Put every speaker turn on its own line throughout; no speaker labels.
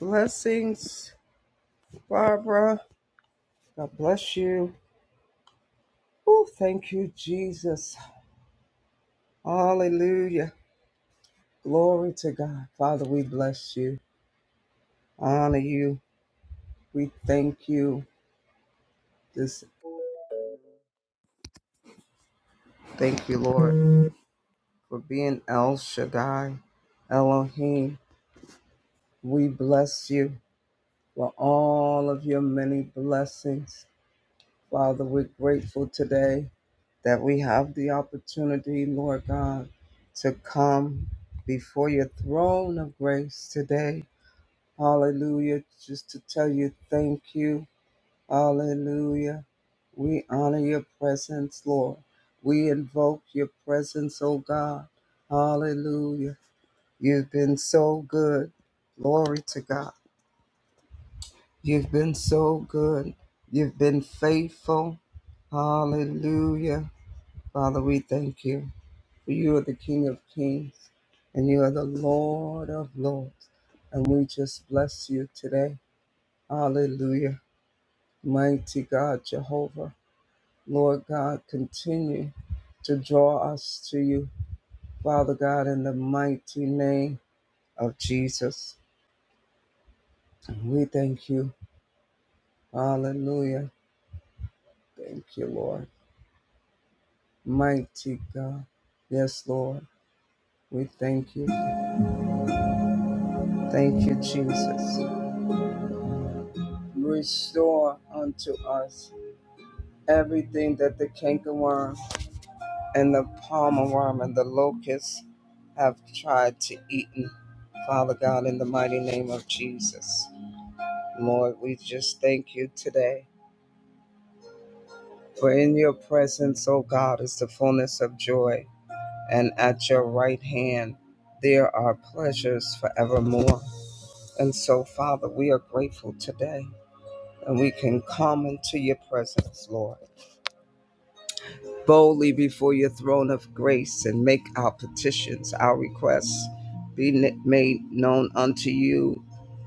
Blessings, Barbara. God bless you. Oh, thank you, Jesus. Hallelujah. Glory to God. Father, we bless you, honor you. We thank you. Just thank you, Lord, for being El Shaddai, Elohim. We bless you for all of your many blessings. Father, we're grateful today that we have the opportunity, Lord God, to come before your throne of grace today. Hallelujah. Just to tell you thank you. Hallelujah. We honor your presence, Lord. We invoke your presence, oh God. Hallelujah. You've been so good. Glory to God. You've been so good. You've been faithful. Hallelujah. Father, we thank you. For you are the King of Kings and you are the Lord of Lords. And we just bless you today. Hallelujah. Mighty God, Jehovah. Lord God, continue to draw us to you, Father God, in the mighty name of Jesus. We thank you. Hallelujah. Thank you, Lord. Mighty God. Yes, Lord. We thank you. Thank you, Jesus. Restore unto us everything that the cankerworm and the palmer worm and the locust have tried to eat. Father God, in the mighty name of Jesus. Lord, we just thank you today. For in your presence, O God, is the fullness of joy, and at your right hand there are pleasures forevermore. And so, Father, we are grateful today, and we can come into your presence, Lord boldly before your throne of grace and make our petitions, our requests be made known unto you.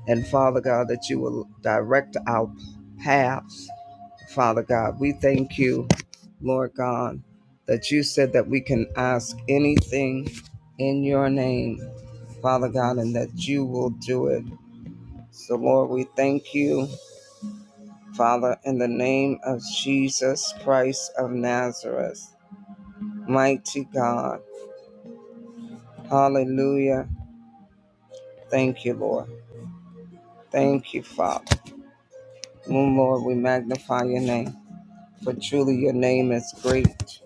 And Father God, that you will direct our paths. Father God, we thank you, Lord God, that you said that we can ask anything in your name, Father God, and that you will do it. So, Lord, we thank you, Father, in the name of Jesus Christ of Nazareth. Mighty God. Hallelujah. Thank you, Lord. Thank you, Father. Mm, Lord, we magnify your name, for truly your name is great,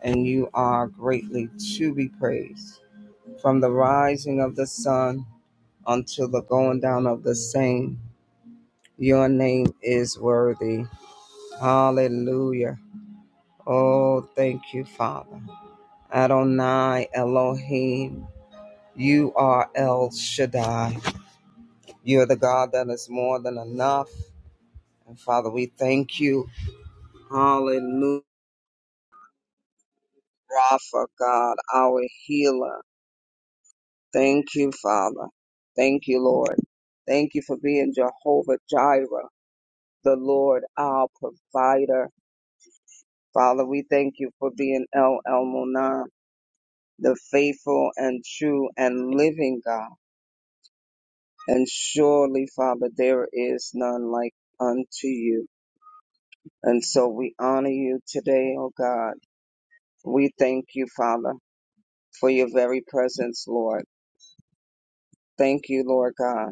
and you are greatly to be praised. From the rising of the sun until the going down of the same, your name is worthy. Hallelujah. Oh, thank you, Father. Adonai Elohim, you are El Shaddai. You're the God that is more than enough. And Father, we thank you. Hallelujah. Rapha, God, our healer. Thank you, Father. Thank you, Lord. Thank you for being Jehovah Jireh, the Lord, our provider. Father, we thank you for being El Elmonah, the faithful and true and living God. And surely, Father, there is none like unto you. And so we honor you today, O God. We thank you, Father, for your very presence, Lord. Thank you, Lord God.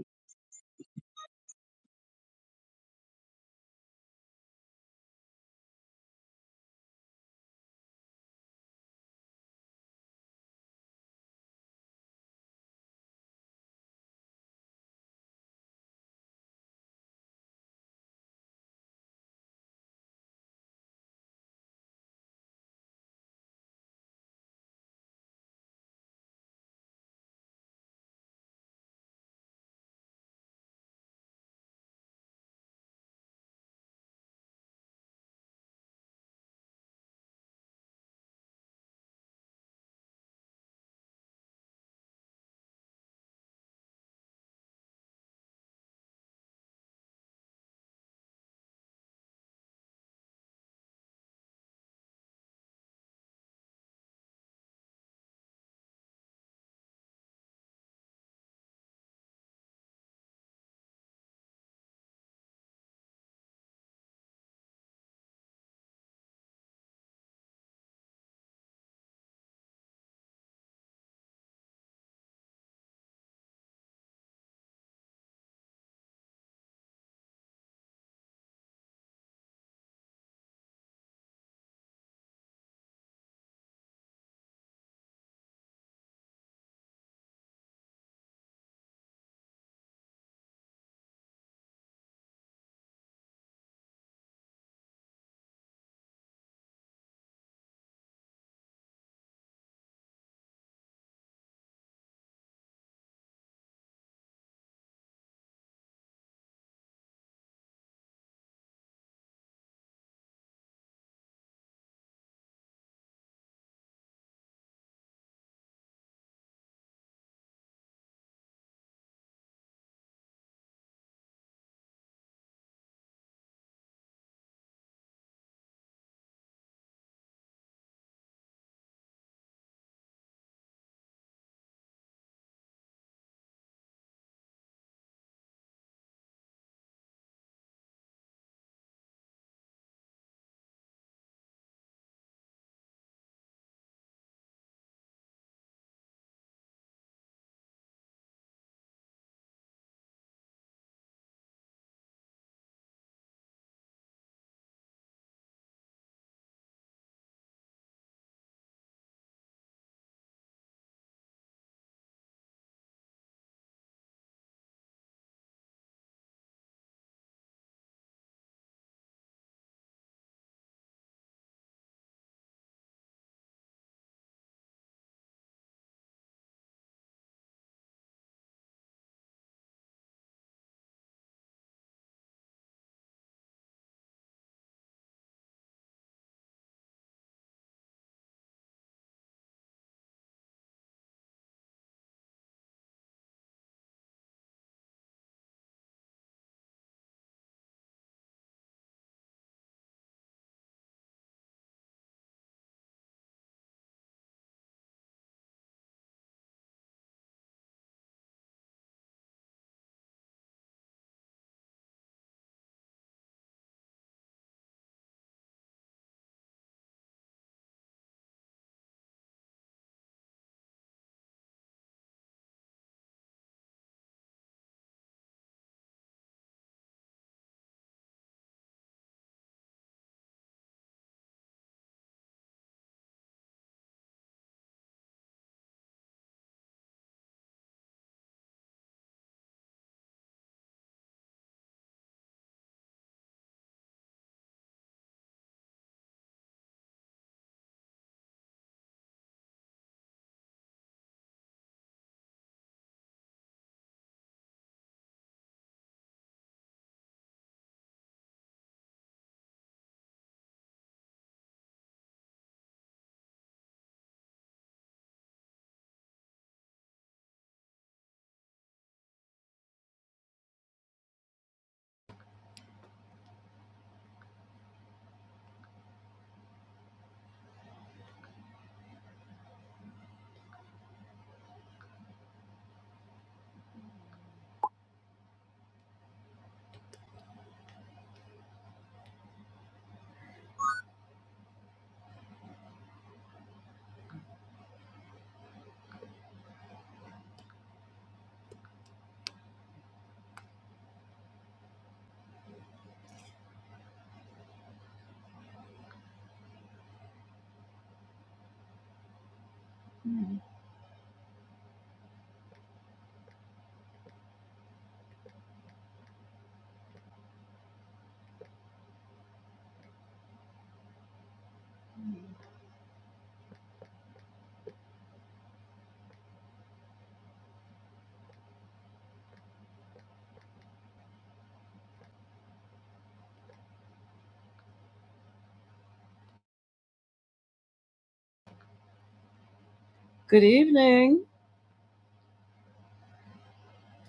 Good evening,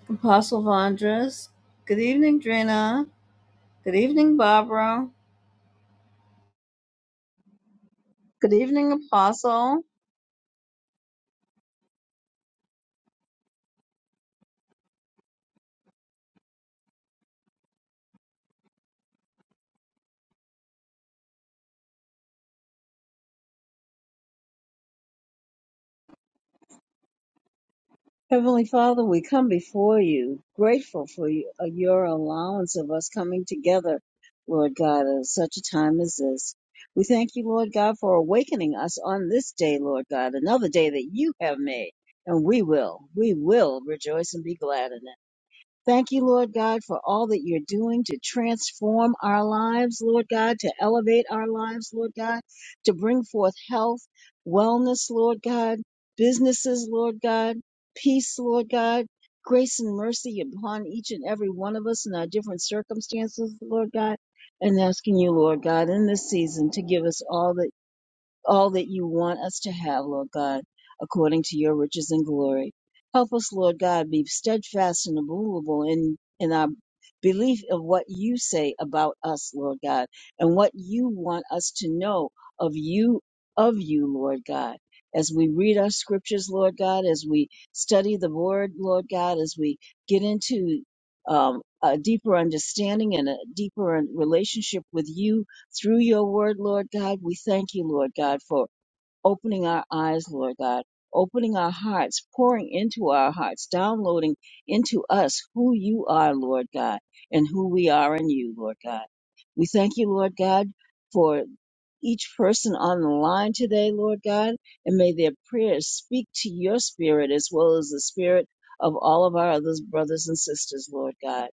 Apostle Vondras. Good evening, Drina. Good evening, Barbara. Good evening, Apostle. Heavenly Father, we come before you, grateful for you, uh, your allowance of us coming together, Lord God, at such a time as this. We thank you, Lord God, for awakening us on this day, Lord God, another day that you have made, and we will, we will rejoice and be glad in it. Thank you, Lord God, for all that you're doing to transform our lives, Lord God, to elevate our lives, Lord God, to bring forth health, wellness, Lord God, businesses, Lord God, peace, Lord God, grace and mercy upon each and every one of us in our different circumstances, Lord God, and asking you, Lord God, in this season to give us all that all that you want us to have, Lord God, according to your riches and glory. Help us, Lord God, be steadfast and immovable in, in our belief of what you say about us, Lord God, and what you want us to know of you, of you, Lord God. As we read our scriptures, Lord God, as we study the word, Lord God, as we get into um, a deeper understanding and a deeper relationship with you, through your word, Lord God. We thank you, Lord God, for opening our eyes, Lord God, opening our hearts, pouring into our hearts, downloading into us who you are, Lord God, and who we are in you, Lord God. We thank you, Lord God, for each person on the line today, Lord God, and may their prayers speak to your spirit as well as the spirit of all of our other brothers and sisters, Lord God,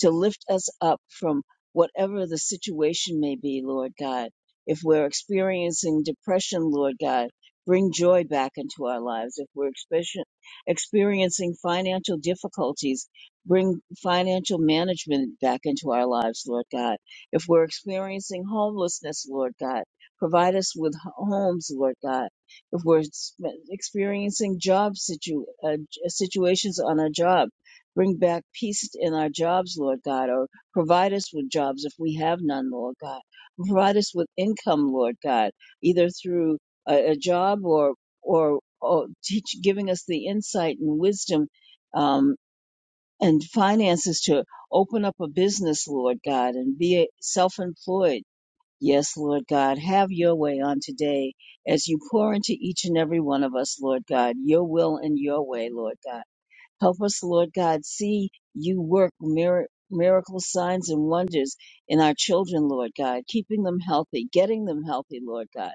to lift us up from whatever the situation may be, Lord God. If we're experiencing depression, Lord God, bring joy back into our lives. If we're expe- experiencing financial difficulties, bring financial management back into our lives, Lord God if we're experiencing homelessness, Lord God. Provide us with homes, Lord God. If we're sp- experiencing job situ- uh, situations on our job, bring back peace in our jobs, Lord God, or provide us with jobs if we have none, Lord God. Provide us with income, Lord God, either through a, a job or or, or teach, giving us the insight and wisdom um, and finances to open up a business, Lord God, and be self employed Yes, Lord God, have your way on today as you pour into each and every one of us, Lord God, your will and your way, Lord God. Help us, Lord God, see you work mir- miracle signs and wonders in our children, Lord God, keeping them healthy, getting them healthy, Lord God,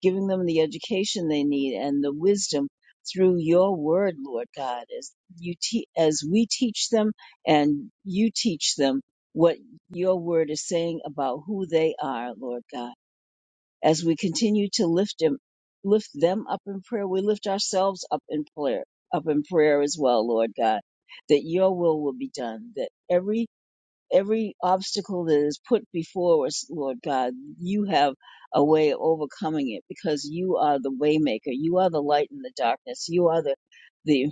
giving them the education they need and the wisdom through your word, Lord God, as you te- as we teach them and you teach them what your word is saying about who they are, Lord God. As we continue to lift him, lift them up in prayer, we lift ourselves up in prayer, up in prayer as well, Lord God, that your will will be done, that every every obstacle that is put before us, Lord God, you have a way of overcoming it because you are the waymaker, you are the light in the darkness, you are the the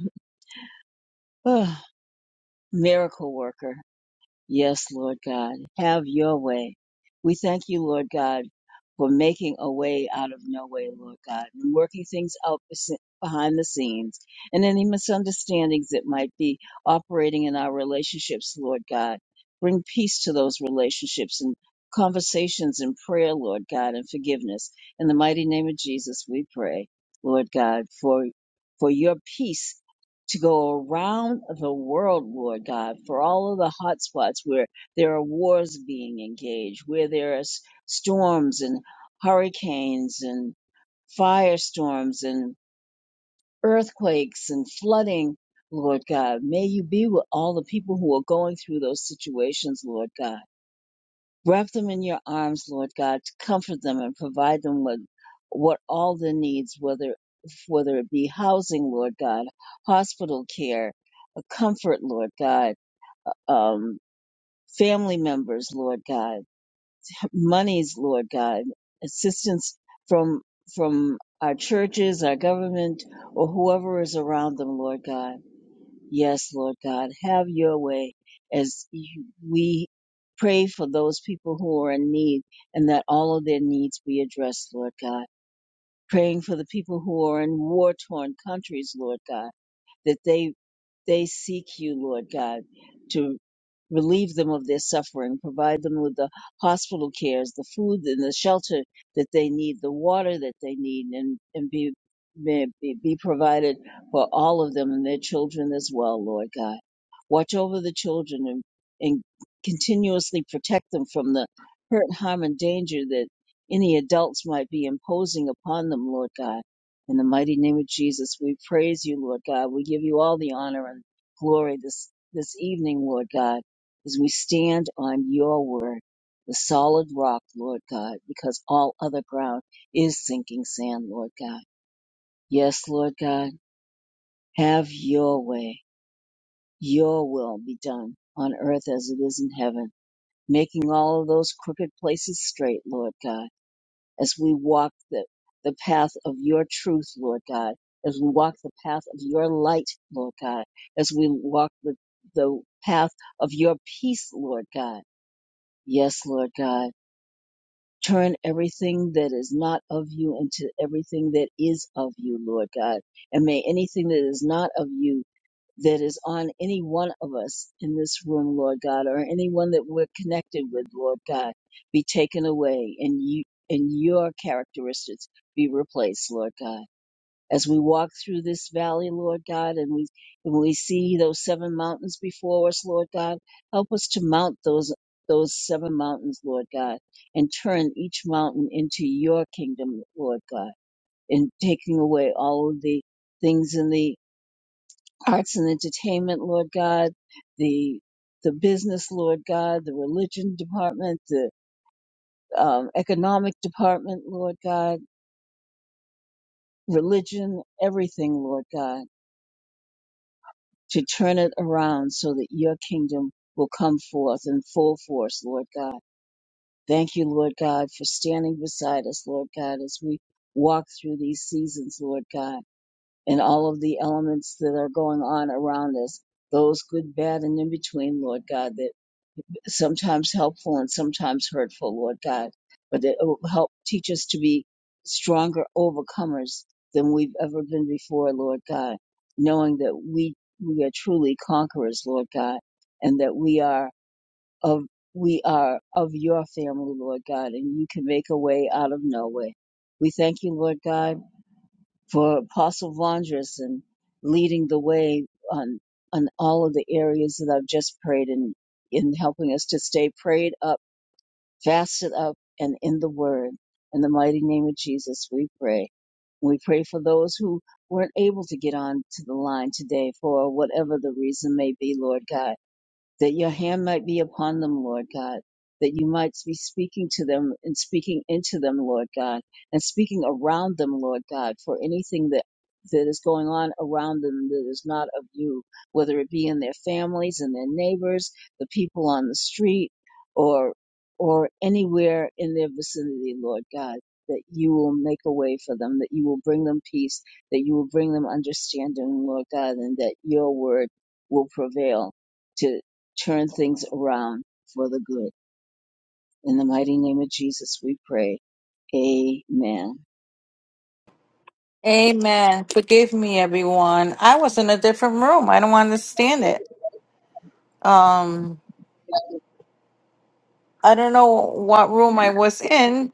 uh, miracle worker Yes, Lord God, have your way. We thank you, Lord God, for making a way out of no way, Lord God, and working things out bes- behind the scenes and any misunderstandings that might be operating in our relationships, Lord God. Bring peace to those relationships and conversations and prayer, Lord God, and forgiveness. In the mighty name of Jesus, we pray, Lord God, for for your peace to go around the world, Lord God, for all of the hot spots where there are wars being engaged, where there are s- storms and hurricanes and firestorms and earthquakes and flooding, Lord God. May you be with all the people who are going through those situations, Lord God Wrap them in your arms, Lord God, to comfort them and provide them with what all their needs, whether whether it be housing, Lord God, hospital care, a comfort, Lord God, um, family members, Lord God, monies, Lord God, assistance from from our churches, our government, or whoever is around them, Lord God. Yes, Lord God, have your way as you, we pray for those people who are in need and that all of their needs be addressed, Lord God. Praying for the people who are in war torn countries, Lord God that they they seek you, Lord God, to relieve them of their suffering, provide them with the hospital cares, the food and the shelter that they need, the water that they need, and, and be, may be, be provided for all of them and their children as well, Lord God. Watch over the children and, and continuously protect them from the hurt, harm, and danger that any adults might be imposing upon them, Lord God in the mighty name of Jesus, we praise you, Lord God. We give you all the honor and glory this, this evening, Lord God, as we stand on your word, the solid rock, Lord God, because all other ground is sinking sand, Lord God. Yes, Lord God, have your way. Your will be done on earth as it is in heaven, making all of those crooked places straight, Lord God as we walk the, the path of your truth, Lord God, as we walk the path of your light, Lord God, as we walk the, the path of your peace, Lord God. Yes, Lord God. Turn everything that is not of you into everything that is of you, Lord God. And may anything that is not of you that is on any one of us in this room, Lord God, or anyone that we're connected with, Lord God, be taken away and you and your characteristics be replaced, Lord God. As we walk through this valley, Lord God, and we and we see those seven mountains before us, Lord God, help us to mount those those seven mountains, Lord God, and turn each mountain into your kingdom, Lord God, and taking away all of the things in the arts and entertainment, Lord God, the the business, Lord God, the religion department, the um, economic department, Lord God, religion, everything, Lord God, to turn it around so that your kingdom will come forth in full force, Lord God. Thank you, Lord God, for standing beside us, Lord God, as we walk through these seasons, Lord God, and all of the elements that are going on around us, those good, bad, and in between, Lord God, that sometimes helpful and sometimes hurtful, Lord God, but that it will help teach us to be stronger overcomers than we've ever been before, Lord God, knowing that we, we are truly conquerors, Lord God, and that we are of, we are of your family, Lord God, and you can make a way out of no way. We thank you, Lord God for Apostle Vondras and leading the way on on all of the areas that I've just prayed in in helping us to stay prayed up, fasted up, and in the Word. In the mighty name of Jesus, we pray. We pray for those who weren't able to get on to the line today for whatever the reason may be, Lord God that your hand might be upon them, Lord God, that you might be speaking to them and speaking into them, Lord God, and speaking around them, Lord God, for anything that that is going on around them that is not of you, whether it be in their families and their neighbors, the people on the street, or or anywhere in their vicinity, Lord God, that you will make a way for them, that you will bring them peace, that you will bring them understanding, Lord God, and that your word will prevail to turn things around for the good. In the mighty name of Jesus, we pray. Amen.
Amen. Forgive me, everyone. I was in a different room. I don't understand it. Um, I don't know what room I was in.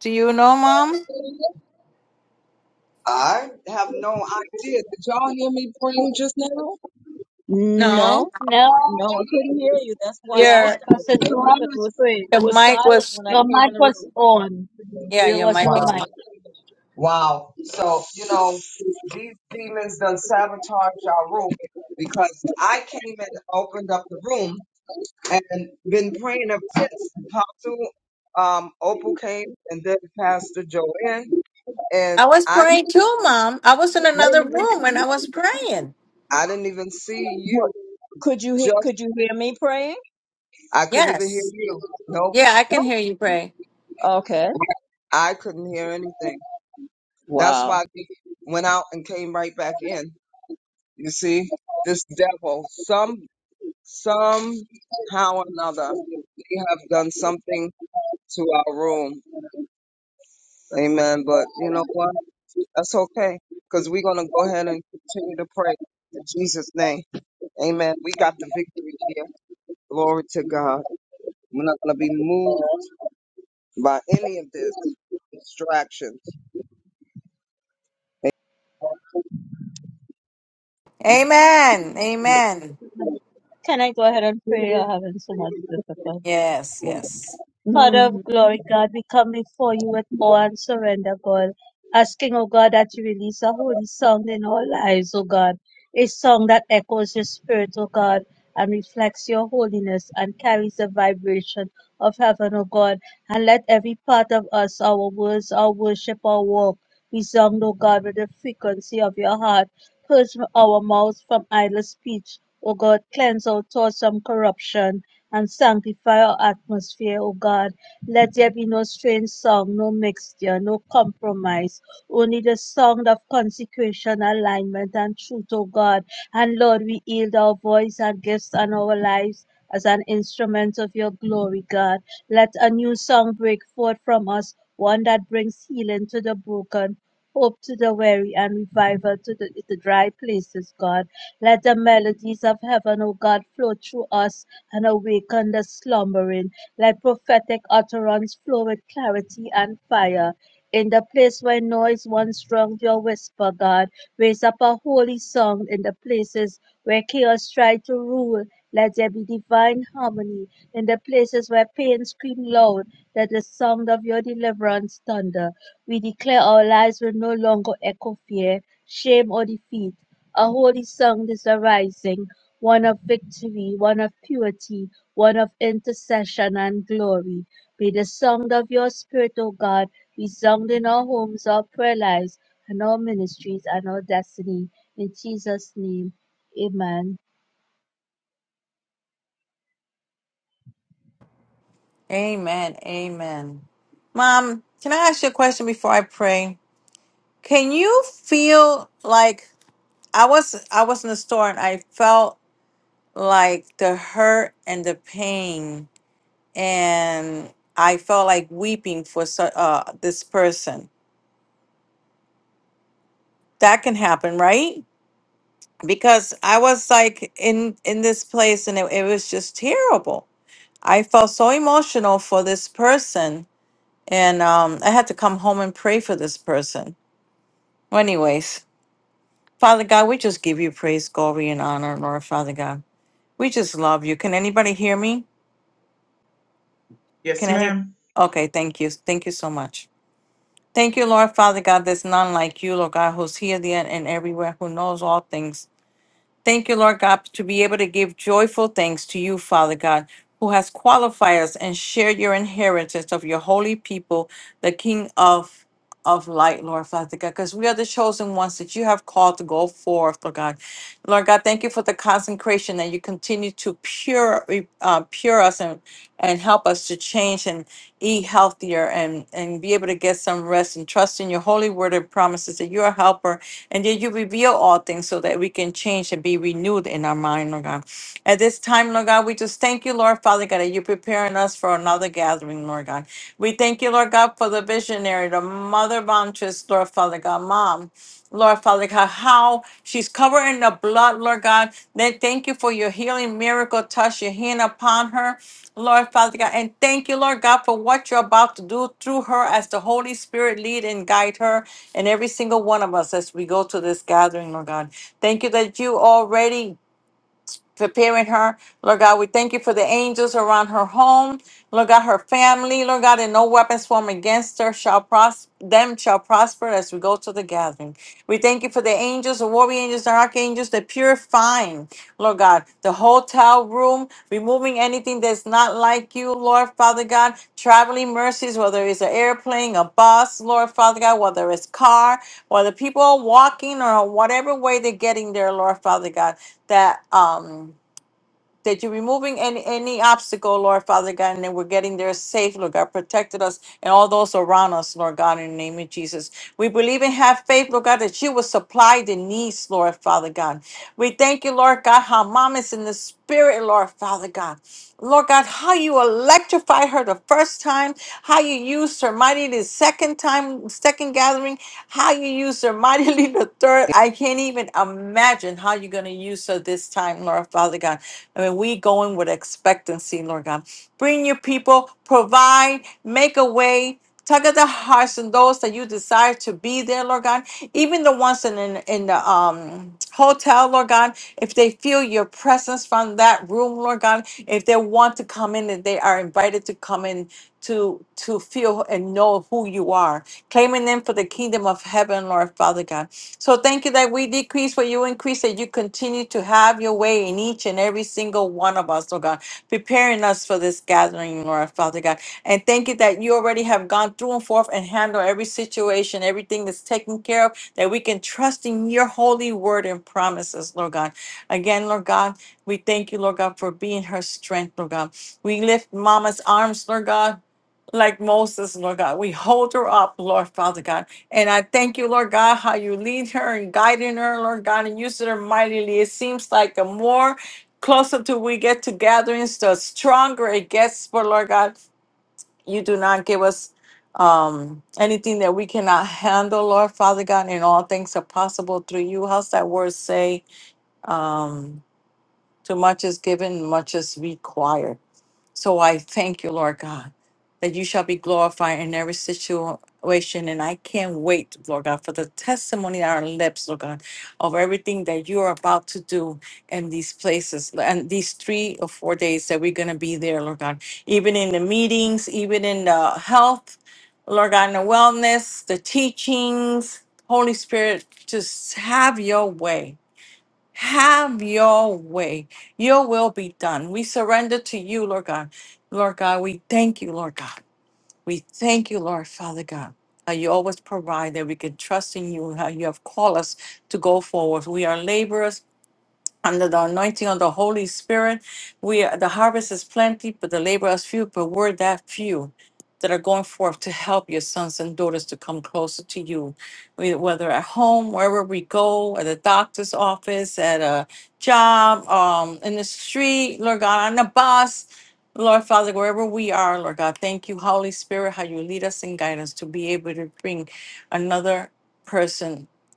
Do you know, Mom?
I have no idea. Did y'all hear me praying just now?
No.
No,
No,
no, I couldn't hear you. That's why I
Your
started
Pastor
praying
Tuan
because it
was
was
praying.
it
your
was
mic
silent
was
when I
Your
came in
mic
the
was
room.
on.
yeah,
There
your
was
mic
no
was.
Wow.
mic.
Wow. So, you know, these demons done sabotaged our room because I came and opened up the room and been praying ever since. Apostle um, Opal came and then Pastor Joanne. And
I was
I, I
praying too, Mom. I was in
didn't
another
even
room and I was praying.
I didn't even see you.
What- Could you he-
Just
could you hear me praying?
I couldn't even hear
Yes.
you. No
Yeah, I
No?
can hear you pray.
Okay.
I couldn't hear anything. That's
Wow.
why I went out and came right back in. You see, this devil, some, somehow or another, they have done something to our room. Amen. But you know what? That's okay. Cause we're going to go ahead and continue to pray in Jesus name. Amen. We got the victory here. Glory to God. We're not going to be moved by any of this distractions.
Amen. Amen.
Can I go ahead and pray? You're having so much difficulty.
Yes. Yes.
Father of
Mhm.
glory, God, we come before you with awe and surrender, God, asking, oh God, that you release a holy sound in our lives, oh God, a song that echoes your spirit, oh God, and reflects your holiness and carries the vibration of heaven, oh God, and let every part of us, our words, our worship, our walk, resound, oh God, with the frequency of your heart. Purge our mouths from idle speech, O God, cleanse our thoughts from corruption and sanctify our atmosphere, O God. Let there be no strange song, no mixture, no compromise, only the song of consecration, alignment, and truth, O God. And Lord, we yield our voice and gifts and our lives. As an instrument of your glory, God. Let a new song break forth from us, one that brings healing to the broken, hope to the weary, and revival to the, the dry places, God. Let the melodies of heaven, O God, flow through us and awaken the slumbering. Let prophetic utterance flow with clarity and fire. In the place where noise once drowned your whisper, God, raise up a holy song in the places where chaos tried to rule. Let there be divine harmony in the places where pain screamed loud. Let the sound of your deliverance thunder. We declare our lives will no longer echo fear, shame, or defeat. A holy sound is arising, one of victory, one of purity, one of intercession and glory. May the sound of your Spirit, O God, be sound in our homes, our prayer lives, and our ministries and our destiny. In Jesus' name, amen.
Amen. Amen. Mom, can I ask you a question before I pray? Can you feel like I was I was in the store and I felt like the hurt and the pain and I felt like weeping for so, uh, this person. That can happen, right? Because I was like in in this place and it, it was just terrible. I felt so emotional for this person and um, I had to come home and pray for this person. Well, anyways, Father God, we just give you praise, glory, and honor, Lord Father God. We just love you. Can anybody hear me? Can
Yes,
any?
ma'am.
Okay, thank you. Thank you so much. Thank you, Lord Father God, there's none like you, Lord God, who's here, there, and everywhere, who knows all things. Thank you, Lord God, to be able to give joyful thanks to you, Father God, who has qualified us and shared your inheritance of your holy people, the King of of light, Lord Father God, because we are the chosen ones that you have called to go forth, Lord God. Lord God, thank you for the consecration that you continue to pure uh, pure us and and help us to change eat healthier and and be able to get some rest and trust in your holy word and promises that you're a helper and that you reveal all things so that we can change and be renewed in our mind, Lord God. At this time, Lord God, we just thank you, Lord Father God, that you're preparing us for another gathering, Lord God. We thank you, Lord God, for the visionary, the mother bountress, Lord Father God, mom. Lord Father God, how she's covered in the blood, Lord God. Then thank you for your healing miracle touch, your hand upon her, Lord Father God. And thank you, Lord God, for what you're about to do through her as the Holy Spirit lead and guide her and every single one of us as we go to this gathering, Lord God. Thank you that you already preparing her. Lord God, we thank you for the angels around her home. Lord God, her family. Lord God, and no weapons formed against her shall prosper. Them shall prosper as we go to the gathering. We thank you for the angels, the warrior angels, the archangels, the purifying. Lord God the hotel room, removing anything that's not like you, Lord Father God, traveling mercies, whether it's an airplane, a bus, Lord Father God, whether it's car, whether people are walking or whatever way they're getting there, Lord Father God, that um that you're removing any any obstacle, Lord Father God, and that we're getting there safe, Lord God. Protected us and all those around us, Lord God, in the name of Jesus. We believe and have faith, Lord God, that you will supply the needs, Lord Father God. We thank you, Lord God, how mom is in the spirit, Lord Father God. Lord God, how you electrified her the first time, how you used her mighty the second time, second gathering, how you used her mighty finally the third. I can't even imagine how you're going to use her this time, Lord Father God. I mean, we go in with expectancy, Lord God. Bring your people, provide, make a way. Tug at the hearts and those that you desire to be there, Lord God. Even the ones in in, in the um, hotel, Lord God. If they feel your presence from that room, Lord God. If they want to come in and they are invited to come in to to feel and know who you are, claiming them for the kingdom of heaven, Lord Father God. So thank you that we decrease where you increase, that you continue to have your way in each and every single one of us, Lord God, preparing us for this gathering, Lord Father God. And thank you that you already have gone through and forth and handled every situation, everything that's taken care of, that we can trust in your holy word and promises, Lord God. Again, Lord God, we thank you, Lord God, for being her strength, Lord God. We lift Mama's arms, Lord God like Moses, Lord God. We hold her up, Lord Father God. And I thank you, Lord God, how you lead her and guiding her, Lord God, and using her mightily. It seems like the more closer to we get to gatherings, the stronger it gets. But Lord God, you do not give us um anything that we cannot handle, Lord Father God, and all things are possible through you. How's that word say? Um, too much is given, much is required. So I thank you, Lord God, that you shall be glorified in every situation. And I can't wait, Lord God, for the testimony on our lips, Lord God, of everything that you are about to do in these places and these three or four days that we're going to be there, Lord God. Even in the meetings, even in the health, Lord God, in the wellness, the teachings, Holy Spirit, just have your way have your way. Your will be done. We surrender to you, Lord God. Lord God, we thank you, Lord God. We thank you, Lord Father God. How you always provide that we can trust in you, how you have called us to go forward. We are laborers under the anointing of the Holy Spirit. We are, the harvest is plenty, but the laborers few. But we're that few that are going forth to help your sons and daughters to come closer to you, We- whether at home, wherever we go, at a doctor's office, at a job, um, in the street, Lord God, on the bus. Lord Father, wherever we are, Lord God, thank you, Holy Spirit, how you lead us and guide us to be able to bring another person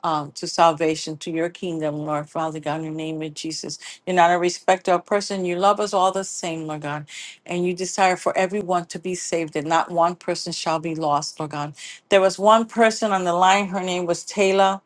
um, to salvation, to your kingdom, Lord Father God, in the name of Jesus. You're not a respecter of person. You love us all the same, Lord God. And you desire for everyone to be saved, and not one person shall be lost, Lord God. There was one person on the line, her name was Taylor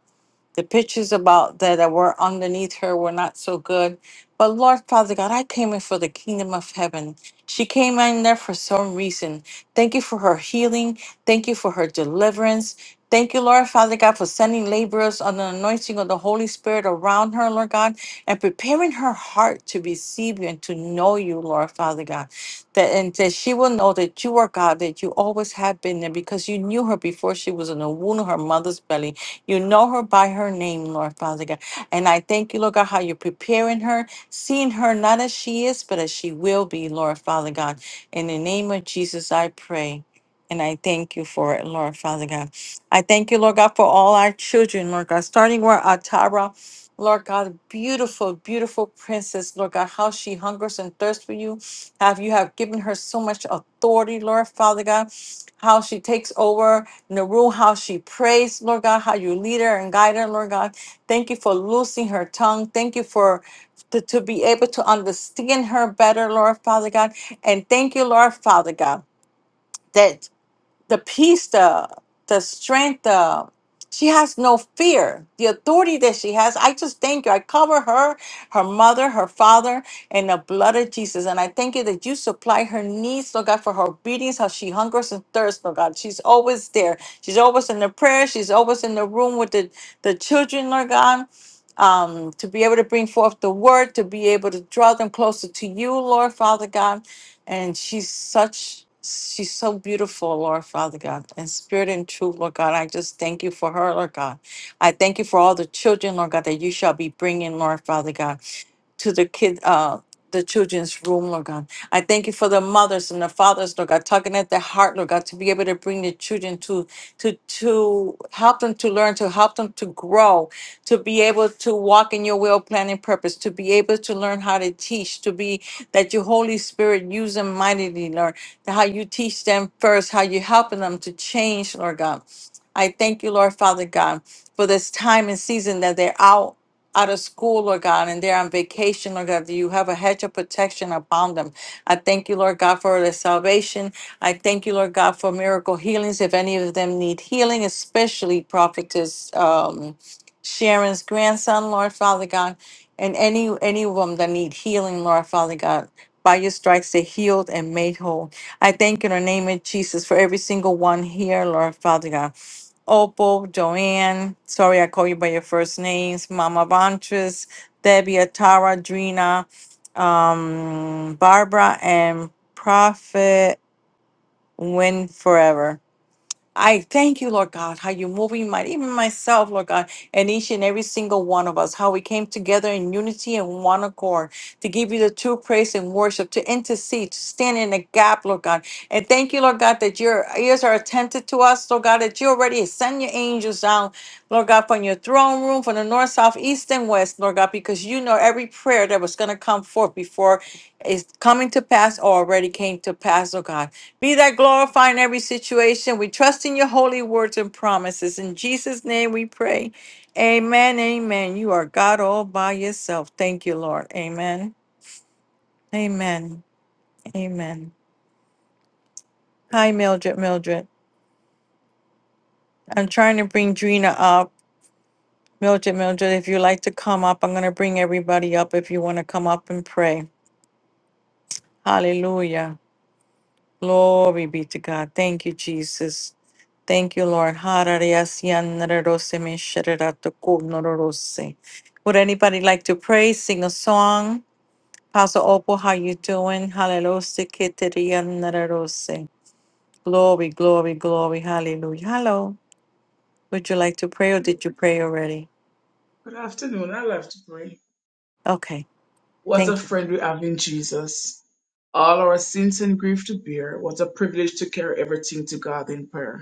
the pictures about that were underneath her were not so good. But Lord Father God, I came in for the kingdom of heaven. She came in there for some reason. Thank you for her healing. Thank you for her deliverance. Thank you, Lord Father God, for sending laborers on the anointing of the Holy Spirit around her, Lord God, and preparing her heart to receive you and to know you, Lord Father God. That and that she will know that you are God, that you always have been there because you knew her before she was in the womb of her mother's belly you know her by her name, Lord Father God. And I thank you, Lord God, how you're preparing her, seeing her not as she is, but as she will be, Lord Father God. In the name of Jesus, I pray. And I thank you for it, Lord Father God. I thank you, Lord God, for all our children, Lord God, starting where Atara, Lord God, beautiful, beautiful princess, Lord God, how she hungers and thirsts for you. Have you have given her so much authority, Lord Father God, how she takes over in the room, how she prays, Lord God, how you lead her and guide her, Lord God. Thank you for loosing her tongue. Thank you for to, to be able to understand her better, Lord Father God. And thank you, Lord Father God. that the peace, the the strength, the she has no fear. The authority that she has, I just thank you. I cover her, her mother, her father, and the blood of Jesus. And I thank you that you supply her needs, Lord God, for her obedience, how she hungers and thirsts, Lord God. She's always there. She's always in the prayer. She's always in the room with the, the children, Lord God um, to be able to bring forth the word, to be able to draw them closer to you, Lord Father God. And she's such, she's so beautiful, Lord Father God, in spirit and truth, Lord God. I just thank you for her, Lord God. I thank you for all the children, Lord God, that you shall be bringing, Lord Father God to the kid uh the children's room, Lord God. I thank you for the mothers and the fathers, Lord God, talking at the heart, Lord God, to be able to bring the children to to to help them to learn, to help them to grow, to be able to walk in your will, plan, and purpose, to be able to learn how to teach, to be that your Holy Spirit use them mightily, Lord, that how you teach them first, how you're helping them to change, Lord God. I thank you, Lord Father God, for this time and season that they're out out of school, Lord God, and they're on vacation, Lord God, that you have a hedge of protection upon them. I thank you, Lord God, for their salvation. I thank you, Lord God, for miracle healings. If any of them need healing, especially prophetess um, Sharon's grandson, Lord Father God, and any any of them that need healing, Lord Father God. By your stripes, they healed and made whole. I thank you in the name of Jesus for every single one here, Lord Father God. Opal, Joanne, sorry I call you by your first names, Mama Vantress, Debbie, Atara, Drina, um, Barbara, and Prophet Win Forever. I thank you, Lord God, how you're moving my even myself, Lord God and each and every single one of us, how we came together in unity and one accord to give you the true praise and worship, to intercede, to stand in the gap, Lord God. And thank you, Lord God, that your ears are attentive to us, Lord God, that you already send your angels down, Lord God, from your throne room, from the north, south, east, and west, Lord God, because you know every prayer that was going to come forth before is coming to pass or already came to pass, oh God. Be that glorified in every situation. We trust in your holy words and promises. In Jesus' name we pray. Amen. Amen. You are God all by yourself. Thank you, Lord. Amen. Amen. Amen. Hi, Mildred. Mildred. I'm trying to bring Drina up. Mildred, Mildred, if you like to come up, I'm going to bring everybody up if you want to come up and pray. Hallelujah. Glory be to God. Thank you, Jesus. Thank you, Lord. Would anybody like to pray, sing a song? Pastor Opal, how you doing? Hallelujah. Keteria nararose. Glory, glory, glory. Hallelujah. Hello. Would you like to pray or did you pray already?
Good afternoon. I love to pray.
Okay.
What a
Thank you.
friend we have in Jesus. All our sins and grief to bear. What a privilege to carry everything to God in prayer.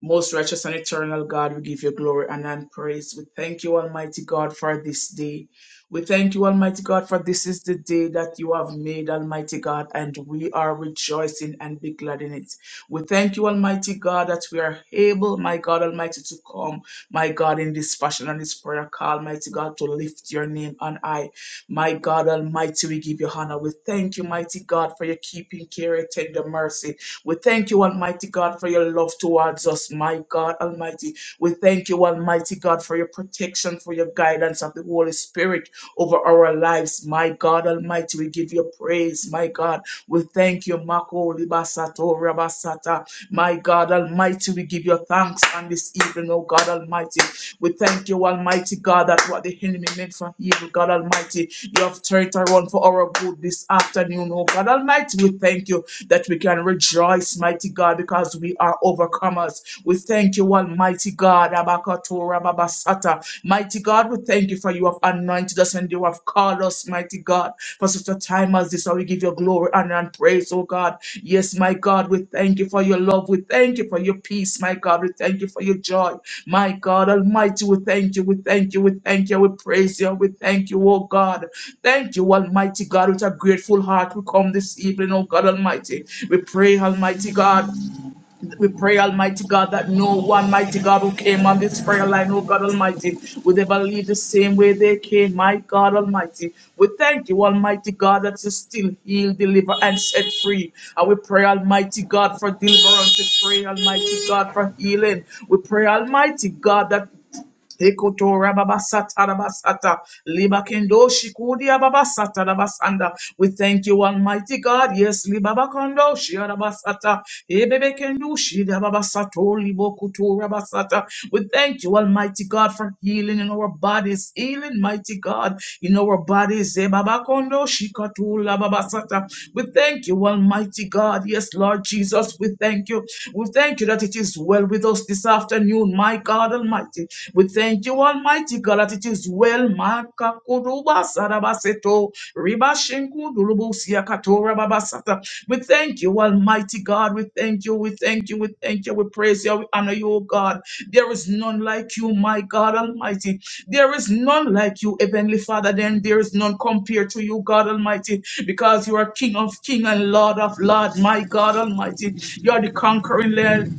Most righteous and eternal God, we give you glory honor, and praise. We thank you, Almighty God, for this day. We thank you, Almighty God, for this is the day that you have made, Almighty God, and we are rejoicing and be glad in it. We thank you, Almighty God, that we are able, my God Almighty, to come, my God, in this fashion and this prayer call, mighty God, to lift your name on high. My God Almighty, we give you honor. We thank you, mighty God, for your keeping care, tender mercy. We thank you, Almighty God, for your love towards us, my God Almighty. We thank you, Almighty God, for your protection, for your guidance of the Holy Spirit over our lives, my God Almighty. We give you praise, my God. We thank you, Mako Libasato Rabasata, my God Almighty. We give you thanks on this evening, oh God Almighty. We thank you, Almighty God, that what the enemy meant for evil, God Almighty, you have turned around for our good this afternoon, oh God Almighty. We thank you that we can rejoice, mighty God, because we are overcomers. We thank you, Almighty God, Abakatora Babasata. Mighty God, we thank you for you have anointed us and you have called us, mighty God, for such a time as this. I we give you glory, honor, and praise, oh God. Yes, my God, we thank you for your love. We thank you for your peace, my God. We thank you for your joy. My God Almighty, we thank you, we thank you, we thank you, we praise you, we thank you, oh God. Thank you, Almighty God, with a grateful heart we come this evening, oh God Almighty. We pray, Almighty God. We pray, Almighty God, that no one, mighty God, who came on this prayer line, oh God Almighty, would ever leave the same way they came, my God Almighty. We thank you, Almighty God, that you still heal, deliver, and set free. And we pray, Almighty God, for deliverance. We pray, Almighty God, for healing. We pray, Almighty God, that Ekotora babasata rabasata, libakendo shikudia babasata rabasanda. We thank you, Almighty God. Yes, libabakando shiarabasata, ebebekendo shidababasato libokutora basata. We thank you, Almighty God, for healing in our bodies. Healing, mighty God, in our bodies. Ebabakondo shikatula babasata. We thank you, Almighty God. Yes, Lord Jesus, we thank you. We thank you that it is well with us this afternoon on my God Almighty. We thank you, Almighty God, that it is well. Makakuruba sarabaseto, ribashinkudulubusia babasata. We thank you, Almighty God. We thank you. We thank you. We thank you. We praise you. We honor you, O God. There is none like you, my God Almighty. There is none like you, Heavenly Father. Then there is none compared to you, God Almighty, because you are King of King and Lord of Lord, my God Almighty. You are the conquering Lamb.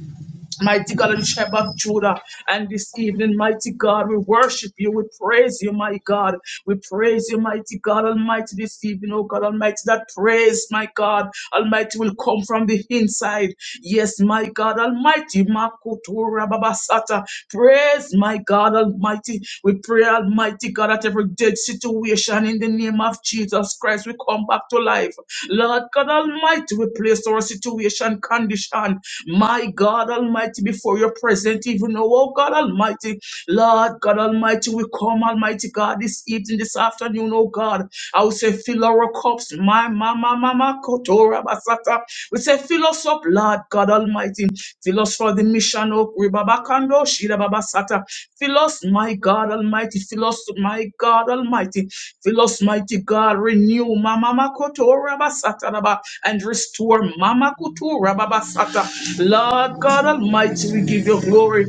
Mighty God and Shepherd Judah, and this evening, mighty God, we worship you, we praise you, my God. We praise you, mighty God Almighty, this evening, oh God Almighty. That praise, my God Almighty, will come from the inside. Yes, my God Almighty, Makutura Babasata. Praise, my God Almighty. We pray, Almighty God, that every dead situation in the name of Jesus Christ, we come back to life. Lord God Almighty, we place our situation and condition. My God Almighty, before your presence, even now, oh God Almighty, Lord God Almighty, we come, Almighty God, this evening, this afternoon, oh God. I will say, fill our cups, my mama, mama, kotora basata. We say, fill us up, Lord God Almighty. Fill us for the mission, oh Ribabakando, Shida Babasata. Fill us, my God Almighty. Fill us, my God Almighty. Fill us, mighty God. Renew, Mama Kotora basata, Baba, and restore Mama Kutura Baba Sata. Lord God Almighty, we give you glory.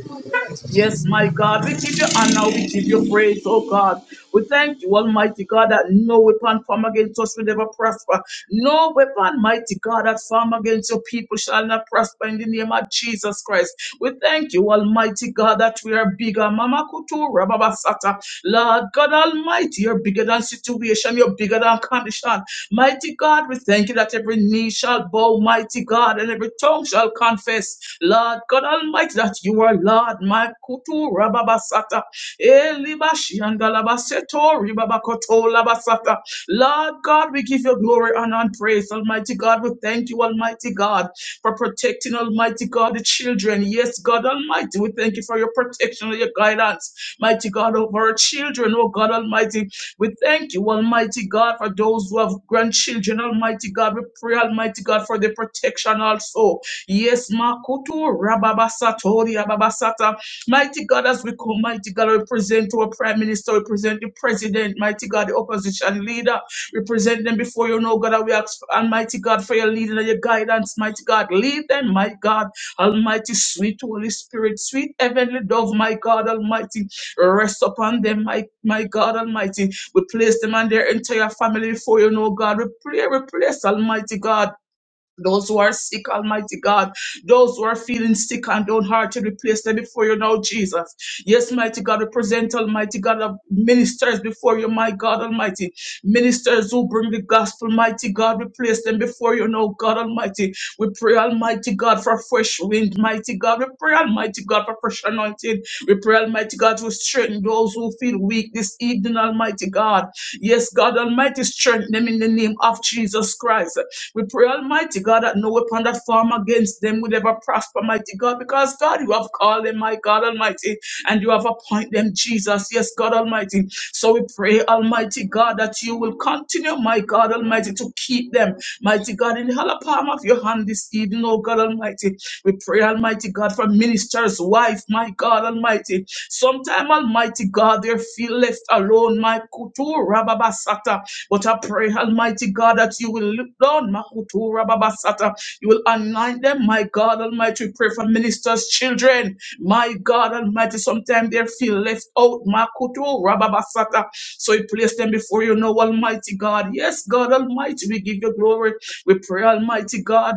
Yes, my God, we give you honor, we give you praise, oh God. We thank you, Almighty God, that no weapon formed against us will ever prosper. No weapon, mighty God, that formed against your people shall not prosper in the name of Jesus Christ. We thank you, Almighty God, that we are bigger. Mama Kutura, Baba Sata. Lord God Almighty, you're bigger than situation, you're bigger than condition. Mighty God, we thank you that every knee shall bow, mighty God, and every tongue shall confess, Lord God Almighty, that you are Lord. My kutu rababasata, elibashi elibashiandalabaseto ribabakoto labasata. Lord God, we give you glory honor, and praise, Almighty God. We thank you, Almighty God, for protecting, Almighty God, the children. Yes, God Almighty, we thank you for your protection and your guidance, mighty God, over our children, oh God Almighty. We thank you, Almighty God, for those who have grandchildren, Almighty God. We pray, Almighty God, for their protection also. Yes, Makutu, Rababasatori, Ababasata. Mighty God, as we come, Mighty God, we present to our Prime Minister, we present the President, Mighty God, the opposition leader. We present them before you, know, God, and we ask, Almighty God, for your leading and your guidance, Mighty God. Lead them, my God, Almighty, sweet Holy Spirit, sweet heavenly dove, my God, Almighty. Rest upon them, my, my God, Almighty. We place them and their entire family before you, know God. We pray, we place Almighty God. Those who are sick, Almighty God. Those who are feeling sick and downhearted, we place them before you now, Jesus. Yes, mighty God, we present, Almighty God, of ministers before you, my God Almighty. Ministers who bring the gospel, mighty God, we place them before you now, God Almighty. We pray, Almighty God, for fresh wind, mighty God. We pray, Almighty God, for fresh anointing. We pray, Almighty God, to strengthen those who feel weak this evening, Almighty God. Yes, God Almighty, strengthen them in the name of Jesus Christ. We pray, Almighty God, that no weapon that form against them will ever prosper, mighty God, because God, you have called them, my God Almighty, and you have appointed them, Jesus. Yes, God Almighty. So we pray, Almighty God, that you will continue, my God Almighty, to keep them, mighty God, in the hollow palm of your hand this evening, oh God Almighty. We pray, Almighty God, for minister's wife, my God Almighty. Sometime, Almighty God, they feel left alone, my kutu rababasata. But I pray, Almighty God, that you will look down, my kutu rababasata. You will align them, my God Almighty. We pray for minister's children, my God Almighty. Sometimes they feel left out, my kutu rababasata. So we place them before you now, Almighty God. Yes, God Almighty, we give you glory. We pray, Almighty God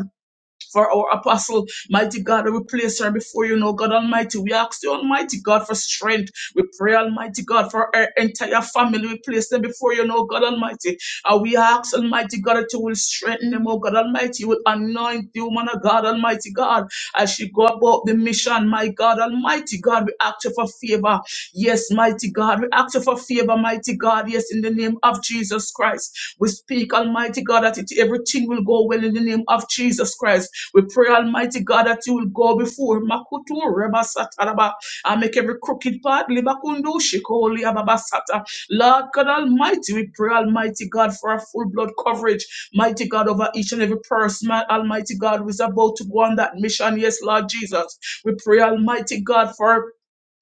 for our apostle, mighty God. We place her before you, know God Almighty. We ask you, Almighty God, for strength. We pray, Almighty God, for our entire family. We place them before you, know God Almighty. And we ask, Almighty God, that you will strengthen them, oh God Almighty. You will anoint the woman of God, Almighty God. As she go about the mission, my God, Almighty God, we ask you for favor. Yes, mighty God, we ask you for favor, mighty God. Yes, in the name of Jesus Christ, we speak, Almighty God, that it, everything will go well in the name of Jesus Christ. We pray, Almighty God, that you will go go before. Makutu reba sataraba. I make every crooked path. Libakundu shikoli ababasata. Lord God Almighty, we pray, Almighty God, for a full blood coverage. Mighty God, over each and every person, man. Almighty God, who is about to go on that mission. Yes, Lord Jesus. We pray, Almighty God, for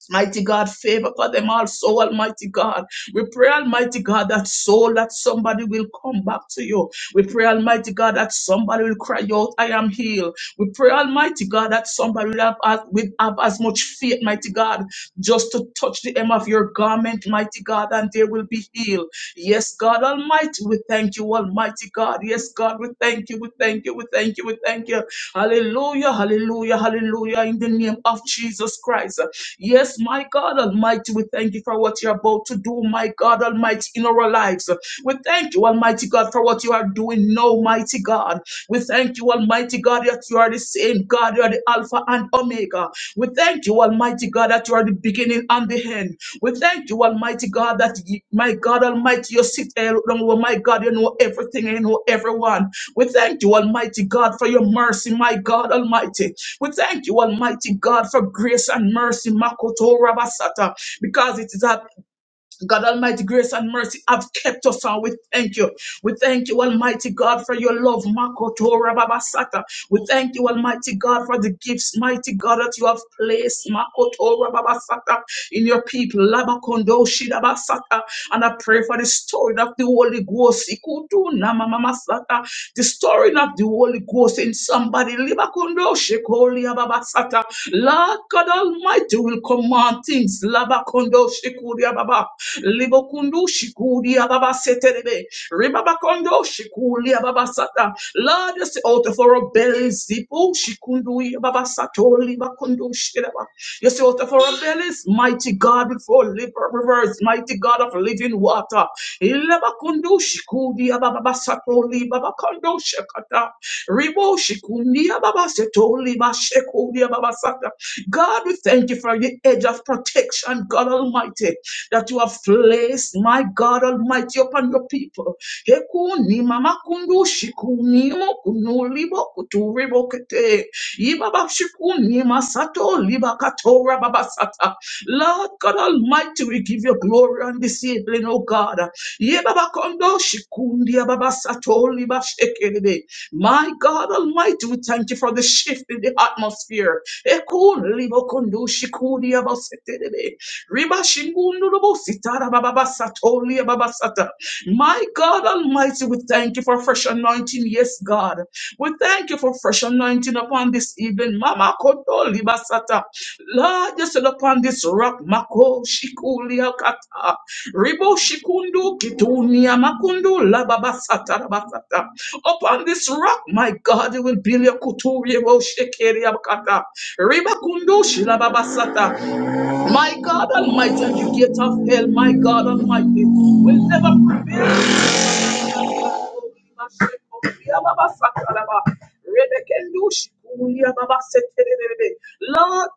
Mighty God, favor for them also, Almighty God. We pray, Almighty God, that soul that somebody will come back to you. We pray, Almighty God, that somebody will cry out, I am healed. We pray, Almighty God, that somebody will have, as- will have as much faith, mighty God, just to touch the hem of your garment, mighty God, and they will be healed. Yes, God Almighty, we thank you, Almighty God. Yes, God, we thank you, we thank you, we thank you, we thank you. Hallelujah, hallelujah, hallelujah, in the name of Jesus Christ. Yes, my God Almighty, we thank you for what you're about to do, my God Almighty, in our lives. We thank you, Almighty God, for what you are doing now, mighty God. We thank you, Almighty God, that you are the same God, you are the Alpha and Omega. We thank you, Almighty God, that you are the beginning and the end. We thank you, Almighty God, that you, my God Almighty, you sit there, down, oh my God, you know everything, you know everyone. We thank you, Almighty God, for your mercy, my God Almighty. We thank you, Almighty God, for grace and mercy, Makoto Rabasata, because it is at God Almighty, grace and mercy have kept us and we thank you. We thank you, Almighty God, for your love. Makoto Rababasata. We thank you, Almighty God, for the gifts, mighty God, that you have placed Makoto Rababasata in your people. Labakondo Shidabasata. And I pray for the story of the Holy Ghost. Ikutu Namamasata. The story of the Holy Ghost in somebody. Libakondo Shekoli Ababasata. Lord God Almighty will command things. Labakondo shikuria baba. Libokundu shikuria baba seterebe. Ribabakondo shikuria baba sata. Lord, you say out of our bellies, zipu shikundu ya baba sato libakundu shiraba. You say out of our bellies, mighty God before liver rivers, mighty God of living water. Ilabakundu shikuria baba sato libabakondo shakata. Ribo shikundia baba setoli ba shekulia baba sata. God, we thank you for the edge of protection, God Almighty, that you have placed, my God Almighty, upon your people. Hekuni mama kundu shikuni mo kunu libo kutu ribo kete. Ibaba shikuni masato liba katora baba sata. Lord God Almighty, we give you glory on this evening, oh God. Yebaba kondo shikundi ababa sato liba shekelebe. My God Almighty, we thank you for the shift in the atmosphere. Ekun libo kundu shikudi abasetebe. Riba shingundu lubu sitara bababa satoli ababa sata. My God Almighty, we thank you for fresh anointing. Yes, God. We thank you for fresh anointing upon this evening. Mama Koto Libasata. Lord, just look upon this rock. Mako Shikulia Kata. Ribo Shikundu Kitunia Makundu Lababasata Rabasata. Upon this rock, my God, you will build your Kuturi Shikeria Kata. Riba Kundu Shilababasata. My God Almighty, and the gate of hell, my God Almighty, will never prevail Lord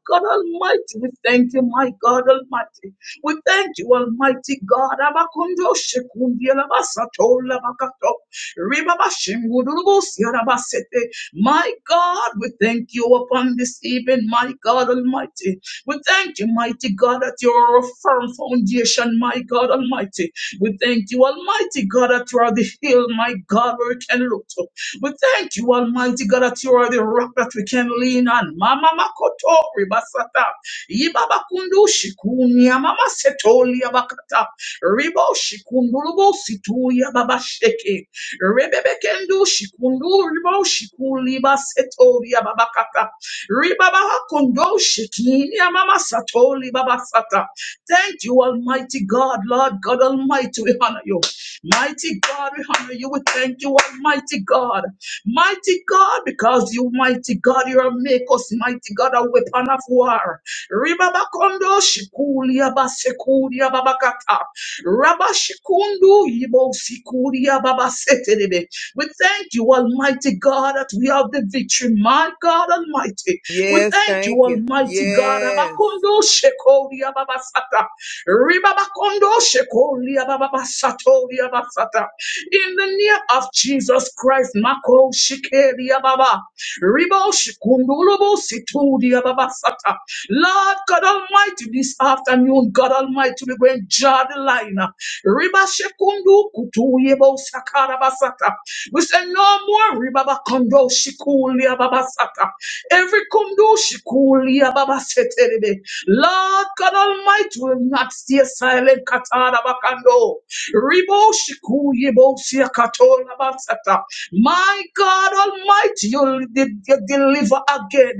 God Almighty, we thank you, my God Almighty. We thank you, Almighty God. Abakundo shekundi alabasato labakato. Ribabashimgudurubusi alabasete. My God, we thank you upon this evening, my God Almighty. We thank you, mighty God, that you're a firm foundation, my God Almighty. We thank you, Almighty God, that you are the hill, my God, where we can look to. We thank you, Almighty God, that you are the rock that we can lean on. Mama Makoto Ribasata. Ibaba Kundu Shikunya Mama Setoli Abakata. Ribo Shikundulubo Situya Baba Sheke. Rebebekendu Shikundu Ribo Shikuli Basetoli Ababakata. Ribaba Kundo Shikini Mama Satoli Babasata. Thank you, Almighty God, Lord God Almighty. We honor you. Mighty God, we honor you. We thank you, Almighty God. Mighty God, because you, mighty God, you are make us, mighty God, a weapon of war. Ribabakondo shikulia basekulia babakata. Rabashikundu yibo sikulia babasetelebe. We thank you, Almighty God, that we have the victory, my God Almighty. We
Yes,
thank you,
thank you.
Almighty God.
Yes.
Abakondo shekori ababasata. Ribabakondo shekori ababasatori abasata. In the name of Jesus Christ, Mako shikeri ababa. Ribo shikundulubu situdi ababasata. Lord God Almighty, this afternoon, God Almighty, we're going to draw the line. Riba shekundu kutu yebo sakara basata. We say no more ribabakondo shikuli ababasata. Every kondo shikulia ababa seterebe. Lord God Almighty will not stay silent. Katara bakando. Ribo shiku yibo siya katola basata. My God Almighty, you, de- you deliver again.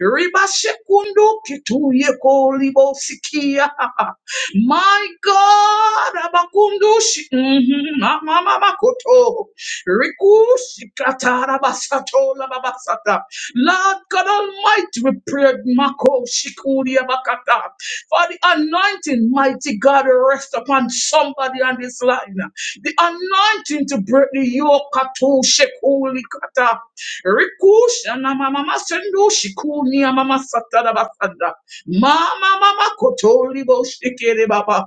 Riba shikundo kitu yeko libo sikia. My God, abakundu shi. mhm, Mama mama koto. Riku shikatara basato la babasata. Lord God Almighty, we pray, Mako Shikuri Abakata, for the anointing, mighty God, rest upon somebody on this line. The anointing to break the yoke, Kato Shikuri Kata, Rikusha na Mama Masendo Shikuni and Mama Satada Basada, Mama Mama Kotori Boshikiri Baba.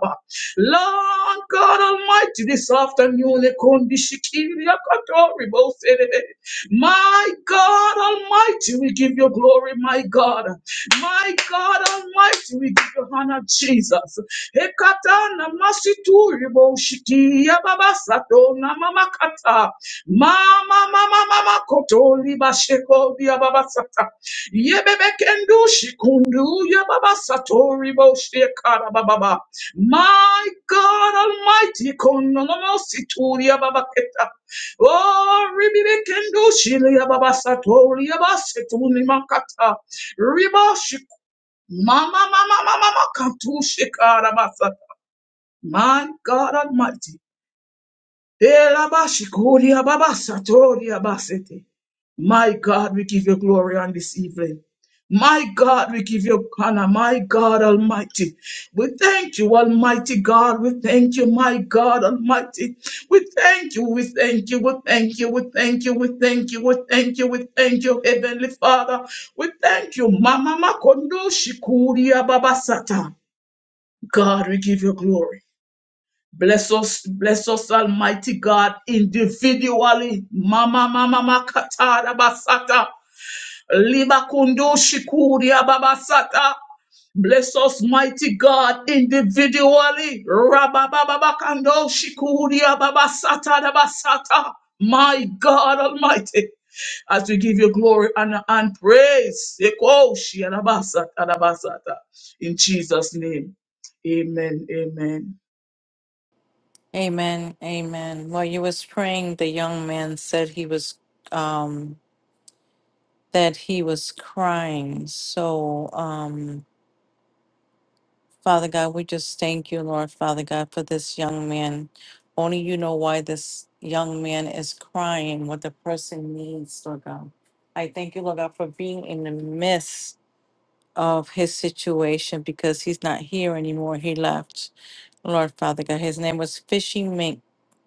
Lord God Almighty, this afternoon, Ekondi Shikiri Akatori Boshikiri. My God Almighty, we give you glory, my God. My God Almighty, we give you honor, Jesus. Ekatana masituri bo shiki ya baba sato na mama kata. Mama mama mama koto liba sheko ya baba sata. Yebebe kendu shikundu ya baba sato ribo shekara baba. My God Almighty, kono no no situri ya baba keta. Oh, ribibekendo shile ya baba satori ya basetuni makata. Riba shik- mama mama mama makatu shikara basa. My God Almighty. Ela bashikori ya baba satori ya basete. My God, we give you glory on this evening. My God, we give you honor. My God Almighty. We thank you, Almighty God. We thank you, my God Almighty. We thank you, we thank you, we thank you, we thank you, we thank you, we thank you, we thank you, Heavenly Father. We thank you, Mama Makondo Shikuria Babasata. God, we give you glory. Bless us, bless us, Almighty God, individually. Mama, mama, makatada basata. Libakundo Shikuria Babasata. Bless us, mighty God, individually. Rababababakando Shikuria Babasata Dabasata. My God Almighty, as we give you glory, honor, and praise. Ekoshi Adabasata Dabasata. In Jesus' name. Amen. Amen.
Amen. Amen. While you was praying, the young man said he was um that he was crying. So um Father God, we just thank you, Lord Father God, for this young man. Only you know why this young man is crying, what the person needs, Lord God. I thank you, Lord God, for being in the midst of his situation because he's not here anymore. He left, Lord Father God. His name was Fishing Mink,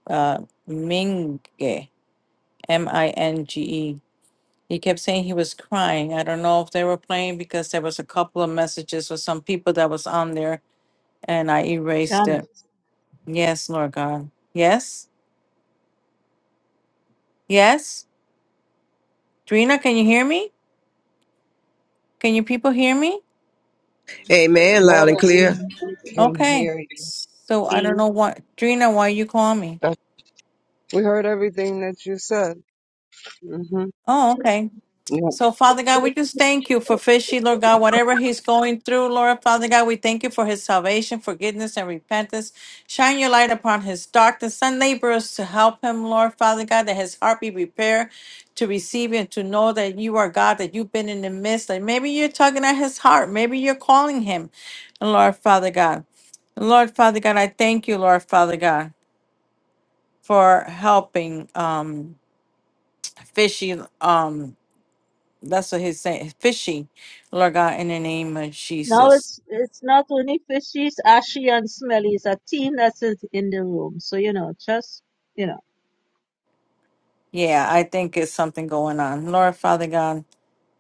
uh, Minge, M I N G E. He kept saying he was crying. I don't know if they were playing because there was a couple of messages with some people that was on there and I erased it
Shannon.
Yes, Lord God. Yes. Yes. Drina, can you hear me? Can you people hear me?
Amen. Loud and
Brother,
Yes,
we
clear.
ma'am.
we can
Okay.
hear you.
So I don't know what Drina, why you call me?
That- We heard everything that you said. hmm
Oh, okay.
Yeah.
So, Father God, we just thank you for Fishy, Lord God, whatever he's going through, Lord Father God, we thank you for his salvation, forgiveness, and repentance. Shine your light upon his darkness. Send laborers to help him, Lord Father God, that his heart be prepared to receive and to know that you are God, that you've been in the midst. And maybe you're tugging at his heart. Maybe you're calling him, Lord Father God. Lord Father God, I thank you, Lord Father God, for helping um, Fishy. Um, that's what he's saying. Fishy, Lord God, in the name of
Now
Jesus.
it's it's not only fishies, ashy and smelly, it's a team that's in in the room. So you know, just you know.
Yeah, I think it's something going on. Lord Father God,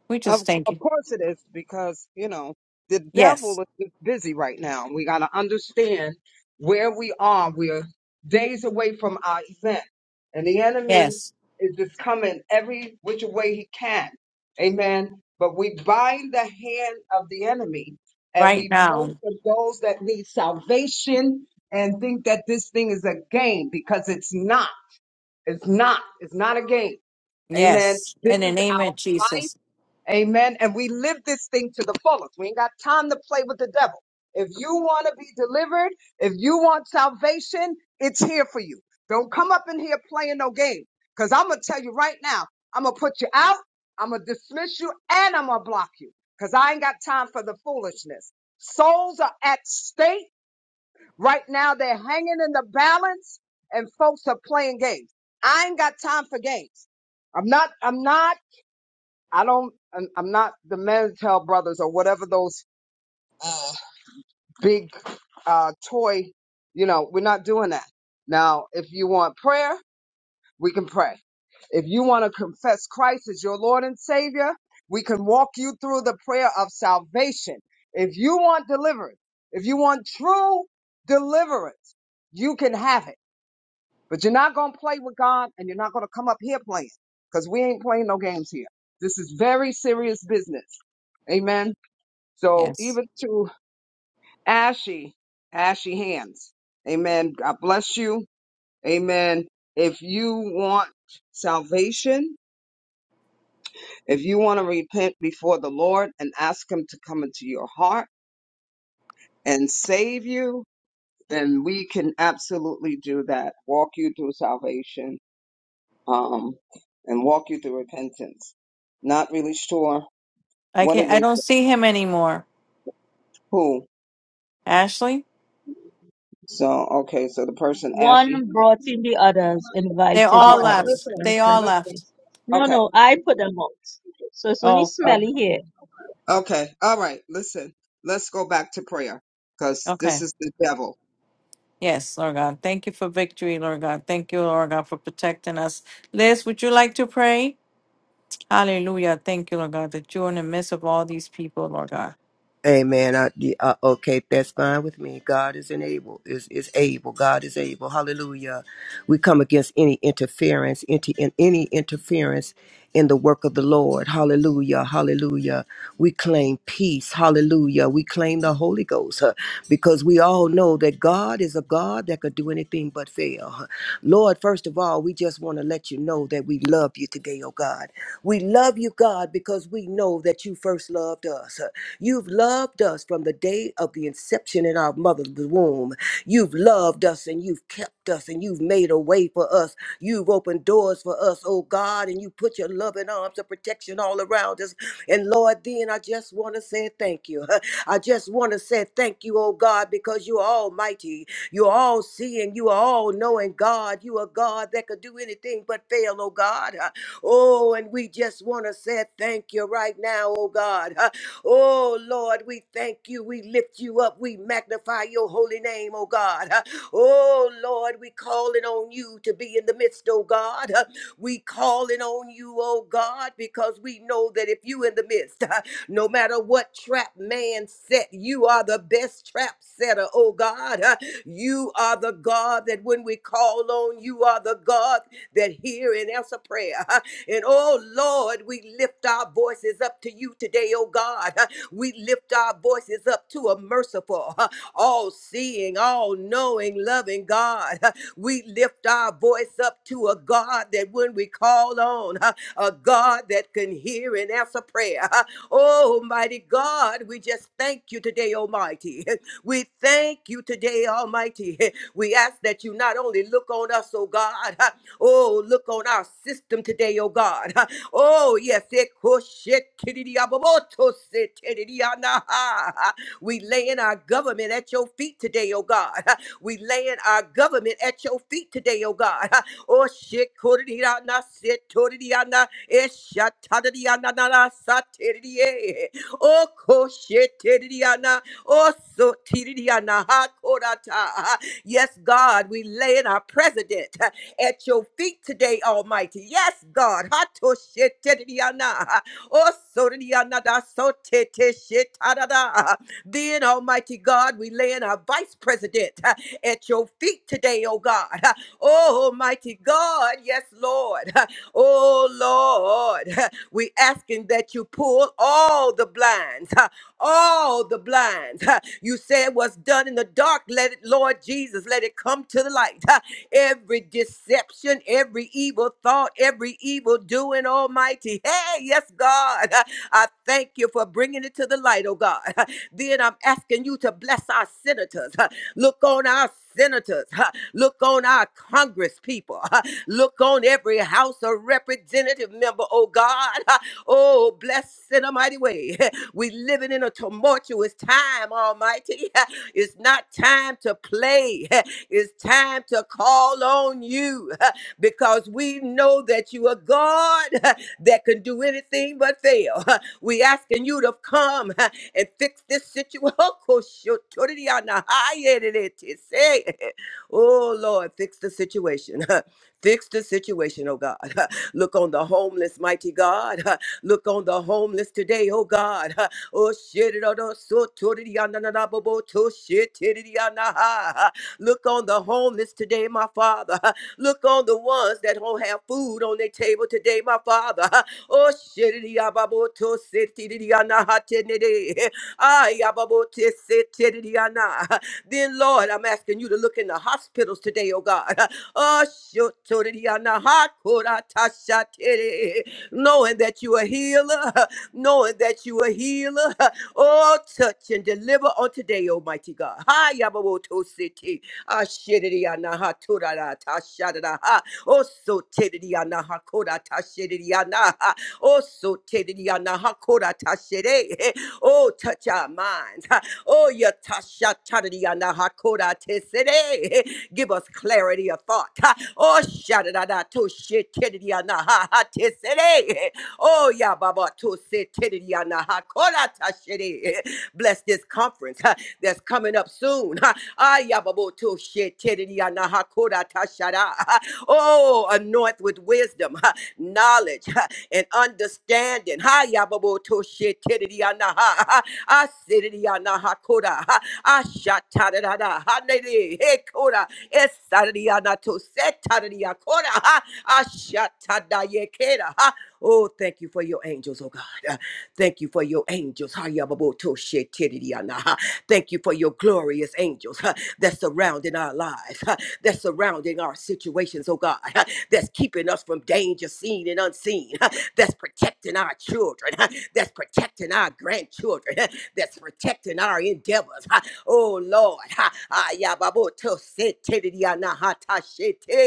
we
Of,
just thank
of
you.
course it is because, you know, the devil
Yes,
is just busy right now. We got to understand where we are. We're days away from our event, and the enemy
yes,
is just coming every which way he can. Amen. But we bind the hand of the enemy and
right
we pray
now.
for those that need salvation and think that this thing is a game because it's not. It's not. It's not a game. Amen.
Yes,
This
in the
is
name
our
of
life.
Jesus.
Amen. And we live this thing to the fullest. We ain't got time to play with the devil. If you want to be delivered, if you want salvation, it's here for you. Don't come up in here playing no game. Because I'm going to tell you right now, I'm going to put you out, I'm going to dismiss you, and I'm going to block you. Because I ain't got time for the foolishness. Souls are at stake. Right now, they're hanging in the balance and folks are playing games. I ain't got time for games. I'm not, I'm not, I don't, I'm, I'm not the Mantel brothers or whatever those uh, big uh, toy, you know, we're not doing that. Now, if you want prayer, we can pray. If you want to confess Christ as your Lord and Savior, we can walk you through the prayer of salvation. If you want deliverance, if you want true deliverance, you can have it. But you're not going to play with God and you're not going to come up here playing because we ain't playing no games here. This is very serious business. Amen. So
Yes.
even to ashy, ashy hands. Amen. God bless you. Amen. If you want salvation, if you want to repent before the Lord and ask Him to come into your heart and save you, then we can absolutely do that. Walk you through salvation um, and walk you through repentance. Not really sure
I
what
can not
it
I
is,
don't see him anymore.
who.
Ashley?
So, okay, so the person actually.
One brought in the others,
They
invited
All
the
all
right,
others.
left.
listen,
They
That's what
all
it
listen.
left.
is. No,
Okay,
no, I put them out. So it's only
Oh,
all
smelly here.
right, okay, all right, listen. Let's go back to prayer because this
okay.
is the devil.
Yes, Lord God. Thank you for victory, Lord God. Thank you, Lord God, for protecting us. Liz, would you like to pray? Hallelujah. Thank you, Lord God, that you're in the midst of all these people, Lord God.
Amen. I, yeah, uh, okay, that's fine with me. God is able. Is is able. God is able. Hallelujah. We come against any interference, into in, any interference in the work of the Lord. Hallelujah. Hallelujah. We claim peace. Hallelujah. We claim the Holy Ghost huh, because we all know that God is a God that could do anything but fail. huh. Lord, first of all, we just want to let you know that we love you today, oh God. We love you, God, because we know that you first loved us. You've loved us from the day of the inception in our mother's womb. You've loved us and you've kept us and you've made a way for us. You've opened doors for us, oh God, and you put your loving arms of protection all around us. And Lord, then I just want to say thank you. I just want to say thank you, oh God, because you're almighty. You're all seeing, you are all knowing, God. You are God that could do anything but fail, oh God. Oh, and we just want to say thank you right now, oh God. Huh. Oh, Lord, we thank you. We lift you up. We magnify your holy name, oh God. Huh. Oh, Lord, we calling on you to be in the midst, oh God. Huh. We calling on you, oh God, because we know that if you in the midst, huh, no matter what trap man set, you are the best trap setter, oh God. Huh? You are the God that when we call on, you are the God that hear and answer prayer. And oh Lord, we lift our voices up to you today, oh God. We lift our voices up to a merciful, all seeing, all knowing, loving God. We lift our voice up to a God that when we call on, a God that can hear and answer prayer. Oh, mighty God, we just thank you today, Almighty. We thank you today, Almighty. We ask that you not only look on us, oh God, Oh, look on our system today, oh God. Oh, yes. it We laying our government at your feet today, oh God. We laying our government at your feet today, oh God. Oh, shit. Oh, ko shit. Oh, so Yes, God, we laying our president. at your feet today, Almighty. Yes, God. Hatoshitediana. Osodidianada soteteshitadada. Then, Almighty God, we lay in our vice president uh, at your feet today, oh God. Uh, Oh, Almighty God, yes, Lord. Uh, Oh, Lord, we asking that you pull all the blinds, all the blinds. Ha, You said what's done in the dark, let it, Lord Jesus, let it come to the light. Ha, Every deception, every evil thought, every evil doing, Almighty. Hey, yes, God. Ha, I thank you for bringing it to the light, oh God. Ha, Then I'm asking you to bless our senators. Ha, Look on our senators. Huh? Look on our Congress people. Look on every House of Representative member, oh God. Oh, bless in a mighty way. We living in a tumultuous time, Almighty. It's not time to play. It's time to call on you because we know that you are God that can do anything but fail. We asking you to come and fix this situation. Oh Lord, fix the situation. fix the situation, oh God. Look on the homeless, mighty God. Look on the homeless today, oh God. Oh shit, it on so to the yonder, na, na, bo, bo, to shit, it it, yonder, ha. Look on the homeless today, my Father. Look on the ones that don't have food on their table today, my Father. Oh shit, it, yabba, bo, to sit, it it, yonder, ha, te, ne, de. Ah, yababo te then, Lord, I'm asking you to look in the hospitals today, oh God. Oh, shotoriana hakoratashatere. knowing that you are a healer, knowing that you are a healer. Oh, touch and deliver on today, Almighty God. Hi, Yabawoto City. Ashiriana haturara tashadara. Oh, so tediana hakora tashiriana. Oh, so tediana hakora tashere. Oh, touch our minds. Oh, yatasha chadadiyana hakoda tesede. Give us clarity of thought. Oh, shadadada toshitidiyana ha ha tesede. Oh, yeah, Baba to se tiri ya na ha kora ta shiri. Bless this conference huh, that's coming up soon. huh. Ah, yeah, Baba to se tiri ya na ha kora ta shara. Huh. Oh, anoint with wisdom, huh, knowledge, huh, and understanding. Ha ya Baba to she tiri ya na ha. I sit ya na ha koda. I shot ta da da da. Ha ne de he koda. Es sa da ya na to set ta ya koda. I shot ta da ye keda. Oh, thank you for your angels, oh God. Uh, Thank you for your angels. Ha ya Hayababotoshetidiana. Thank you for your glorious angels uh, that's surrounding our lives, uh, that's surrounding our situations, oh God, uh, that's keeping us from danger seen and unseen, uh, that's protecting our children, uh, that's protecting our grandchildren, uh, that's protecting our endeavors. uh, Oh Lord, ha, ayababotoshetidiana hatashete.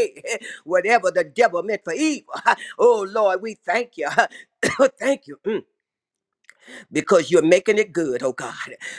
whatever the devil meant for evil, Oh Lord, we thank you. thank you. mm, Because you're making it good, oh God.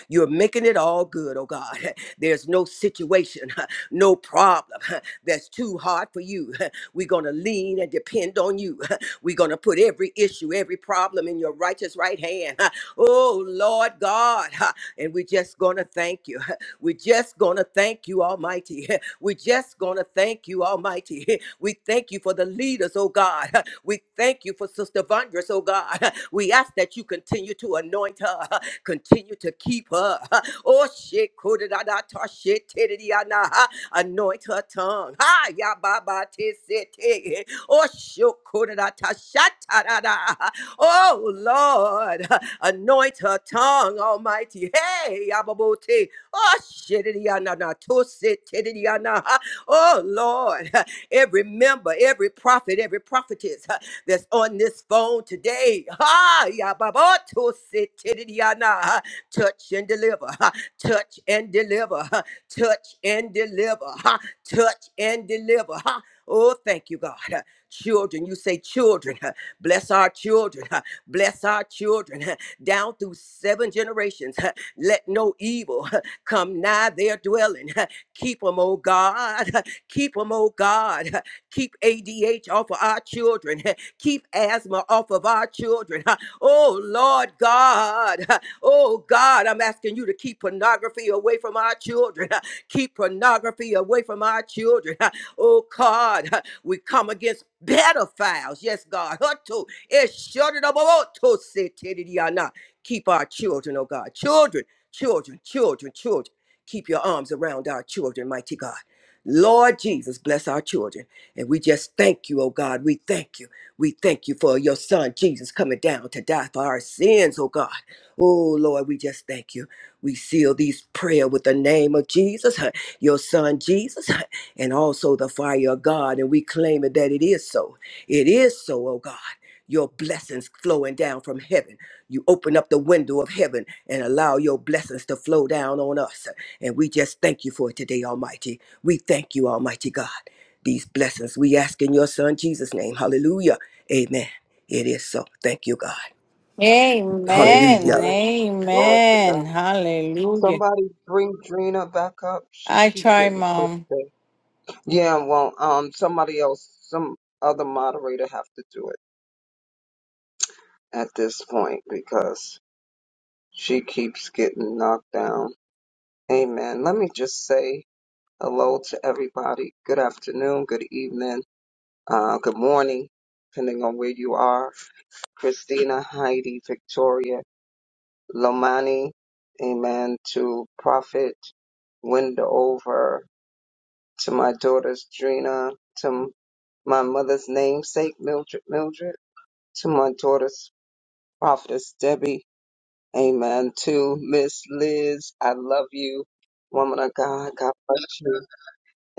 You're making it all good, oh God. There's no situation, no problem that's too hard for you. We're going to lean and depend on you. We're going to put every issue, every problem in your righteous right hand. Oh Lord God. And we're just going to thank you. We're just going to thank you, Almighty. We're just going to thank you, Almighty. We thank you for the leaders, oh God. We thank you for Sister Vondress, oh God. We ask that you continue to anoint her, continue to keep her. Oh, shit, kodadadata, shit, tididiana. anoint her tongue. Ha, ya, ba, ba, ti, si, ti. Oh, shit, kodadata, shatadada. Oh, Lord, anoint her tongue, Almighty. Hey, Yababoti. Oh, shittidiana, na, tosi, tiddidiana, oh Lord, every member, every prophet, every prophetess that's on this phone today, ha, ya, ba, ba, tosi, tiddidiana, touch and deliver, touch and deliver, touch and deliver, touch and deliver. Oh, thank you, God. Children, you say children, bless our children, bless our children down through seven generations. Let no evil Come nigh their dwelling. Keep them, oh God. Keep them, oh God. Keep ADH off of our children. Keep asthma off of our children. Oh Lord God. Oh God, I'm asking you to keep pornography away from our children. Keep pornography away from our children. Oh God, we come against pedophiles. Yes, God. Hutto, eshodidaboboto, setedidiana. Keep our children, oh God. Children. Children, children, children, keep your arms around our children, mighty God. Lord Jesus, bless our children. And we just thank you, oh God. We thank you. We thank you for your son, Jesus, coming down to die for our sins, oh God. Oh Lord, we just thank you. We seal these prayer with the name of Jesus, huh, your son, Jesus, huh, and also the fire of God. And we claim it that it is so. It is so, oh God. Your blessings flowing down from heaven. You open up the window of heaven and allow your blessings to flow down on us. And we just thank you for it today, Almighty. We thank you, Almighty God. These blessings we ask in your Son Jesus' name. Hallelujah. Amen. It is so. Thank you, God.
Amen.
Amen.
Hallelujah.
Glory to God.
Amen. Hallelujah.
Somebody bring Drina back up. She
I
keep
try,
getting pushed
Mom.
back. Yeah, well, um, somebody else, some other moderator have to do it at this point because She keeps getting knocked down. Amen. Let me just say hello to everybody. Good afternoon, good evening, uh, good morning, depending on where you are. Christina, Heidi, Victoria, Lomani, amen, to Prophet, Windover, to my daughters, Drina, to my mother's namesake, Mildred, Mildred, to my daughter's prophetess, Debbie, Amen. To Miss Liz, I love you. Woman of God, God bless you.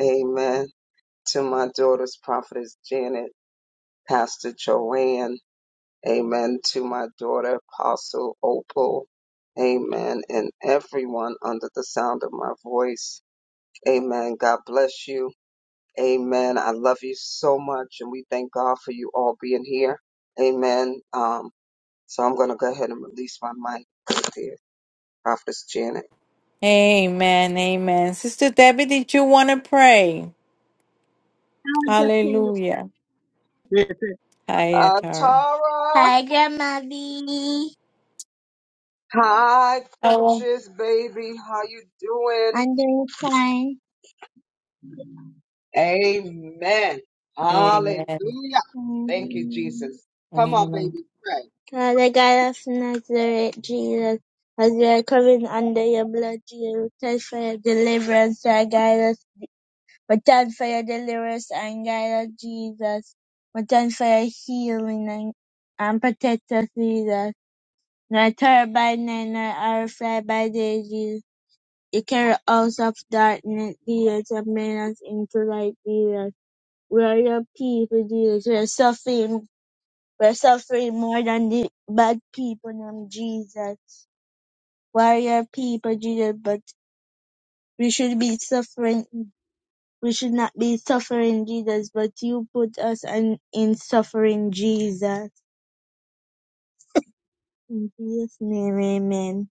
Amen. To my daughter's prophetess Janet, Pastor Joanne. Amen. To my daughter, Apostle Opal. Amen. And everyone under the sound of my voice. Amen. God bless you. Amen. I love you so much. And we thank God for you all being here. Amen. Um, so I'm going to go ahead and release my mic right there. Prophetess Janet.
Amen. Amen. Sister Debbie, did you want to pray? Hallelujah. Hi,
Uh,
Tara.
Tara,
Hi, Grandmother.
hi,
Hello.
precious baby. How you doing?
I'm doing fine.
Amen. Hallelujah.
Amen.
Thank you,
Mm.
Jesus. Come on,
Amen.
baby, pray.
Father God of Nazareth, Jesus, as we are coming under your blood, Jesus, thank for your deliverance and guide us. We thank for your deliverance and guide us, Jesus. We thank for your healing and, and protect us, Jesus. Nor terror by night, nor arrow fly by day, Jesus. It can also darken the terminus into light beers, where people Jesus we're suffering We're suffering more than the bad people named Jesus. Warrior people Jesus, but we should be suffering we should not be suffering Jesus, but you put us in, in suffering Jesus. In Jesus' name, amen.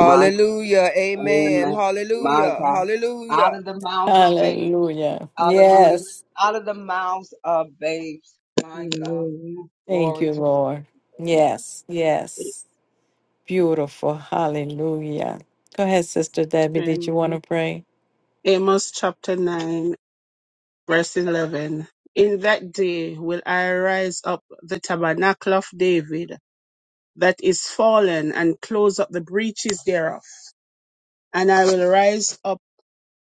My
Amen.
amen. My
Hallelujah.
God. Out
Hallelujah.
of the mouths of babes.
Hallelujah.
Hallelujah.
Yes.
Out of the mouths of babes. My God.
Hallelujah.
Thank
Glory
you,
to God.
Lord. Yes. Yes. Beautiful. Hallelujah. Go ahead, Sister Debbie. Did you want to
Amen.
pray?
Amos chapter 9. verse 11 in that day will i rise up the tabernacle of david that is fallen and close up the breaches thereof and i will rise up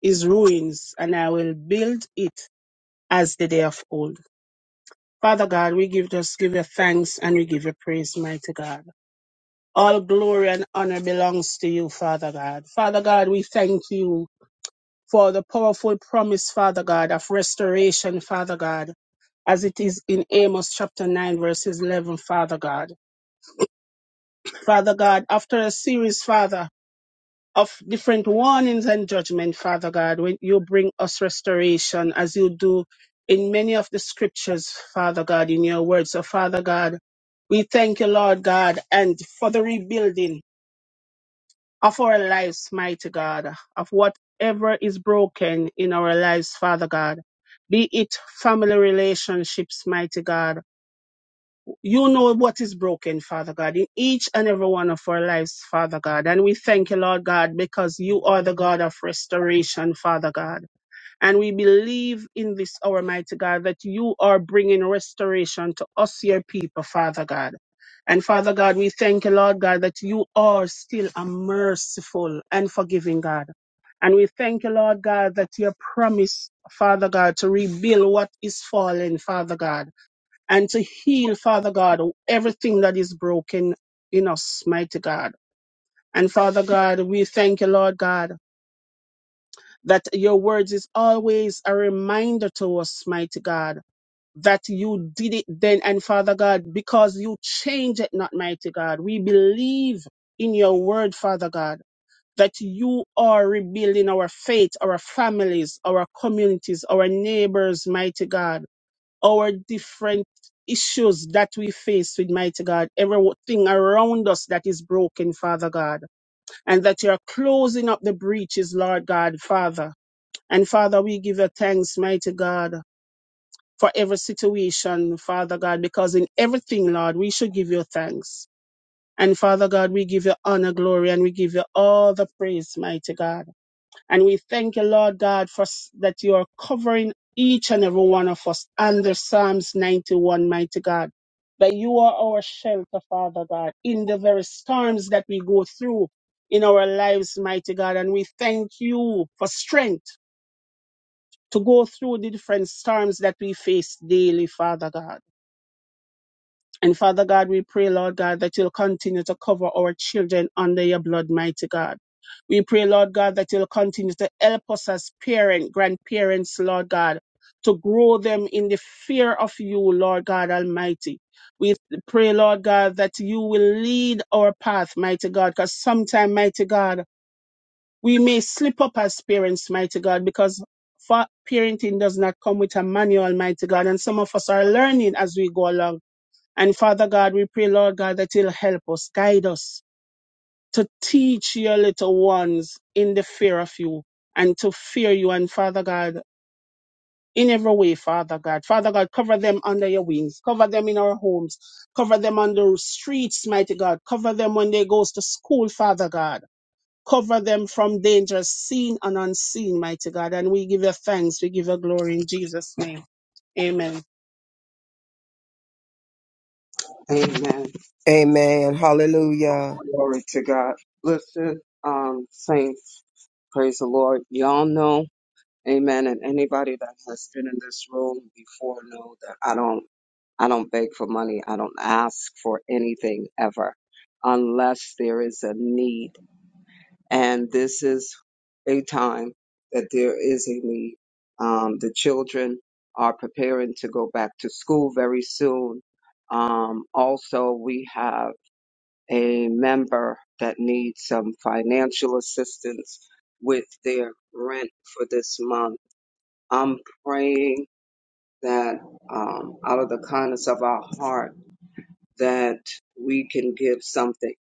his ruins and i will build it as the day of old father god we give just give you thanks and we give you praise mighty god all glory and honor belongs to you father god father god we thank you for the powerful promise, Father God, of restoration, Father God. as it is in Amos chapter 9, verses 11, Father God. Father God, after a series, Father, of different warnings and judgment, Father God, when you bring us restoration as you do in many of the scriptures, Father God, in your word. So, Father God, we thank you, Lord God, and for the rebuilding of our lives, mighty God, of whatever is broken in our lives, Father God, be it family relationships, mighty God You know what is broken, Father God, in each and every one of our lives, Father God. And we thank you, Lord God, because you are the God of restoration, Father God. And we believe in this, our mighty God, that you are bringing restoration to us, your people, Father God. And Father God, we thank you, Lord God, that you are still a merciful and forgiving God. And we thank you, Lord God, that your promise, Father God, to rebuild what is fallen, Father God and to heal, Father God, everything that is broken in us, mighty God. And Father God, we thank you, Lord God, that your words is always a reminder to us, mighty God, that you did it then. And Father God, because you change it not, mighty God, we believe in your word, Father God. That you are rebuilding our faith, our families, our communities, our neighbors, mighty God our different issues that we face with mighty God, everything around us that is broken, Father God, and that you're closing up the breaches, Lord God, Father. And Father, we give you thanks, mighty God, for every situation, Father God, because in everything, Lord, we should give you thanks. And Father God, we give you honor, glory, and we give you all the praise, mighty God. And we thank you, Lord God, for s- that you are covering each and every one of us under Psalms 91, mighty God. That you are our shelter, Father God, in the very storms that we go through in our lives, mighty God. And we thank you for strength to go through the different storms that we face daily, Father God. And Father God, we pray, Lord God, that you'll continue to cover our children under your blood, mighty God. We pray, Lord God, that you'll continue to help us as parents, grandparents, Lord God, to grow them in the fear of you, Lord God Almighty. We pray, Lord God, that you will lead our path, mighty God, because sometimes, mighty God, we may slip up as parents, mighty God, because fa- parenting does not come with a manual, mighty God, and some of us are learning as we go along. And Father God, we pray, Lord God, that you'll help us, guide us to teach your little ones in the fear of you and to fear you. And Father God, in every way, Father God. Father God, cover them under your wings. Cover them in our homes. Cover them on the streets, mighty God. Cover them when they goes to school, Father God. Cover them from danger seen and unseen, mighty God. And we give you thanks. We give you glory in Jesus' name. Amen.
Amen.
Amen. Hallelujah.
Glory to God. Listen, um, saints, praise the Lord. Y'all know Amen. And anybody that has been in this room before know that I don't I don't beg for money. I don't ask for anything ever unless there is a need. And this is a time that there is a need. Um, the children are preparing to go back to school very soon. Um, also, we have a member that needs some financial assistance with their rent for this month I'm praying that um, out of the kindness of our heart that we can give something.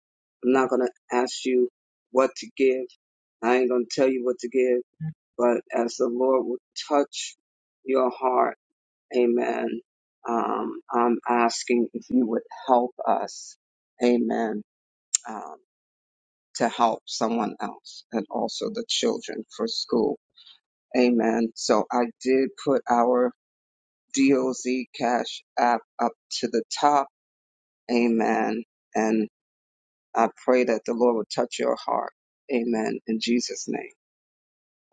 I'm not going to ask you what to give. I ain't going to tell you what to give, but as the Lord will touch your heart, amen. Um, I'm asking if you would help us, amen, um, to help someone else and also the children for school. Amen. So I did put our DOZ Cash App up to the top. Amen. And I pray that the Lord will touch your heart. Amen. In Jesus' name.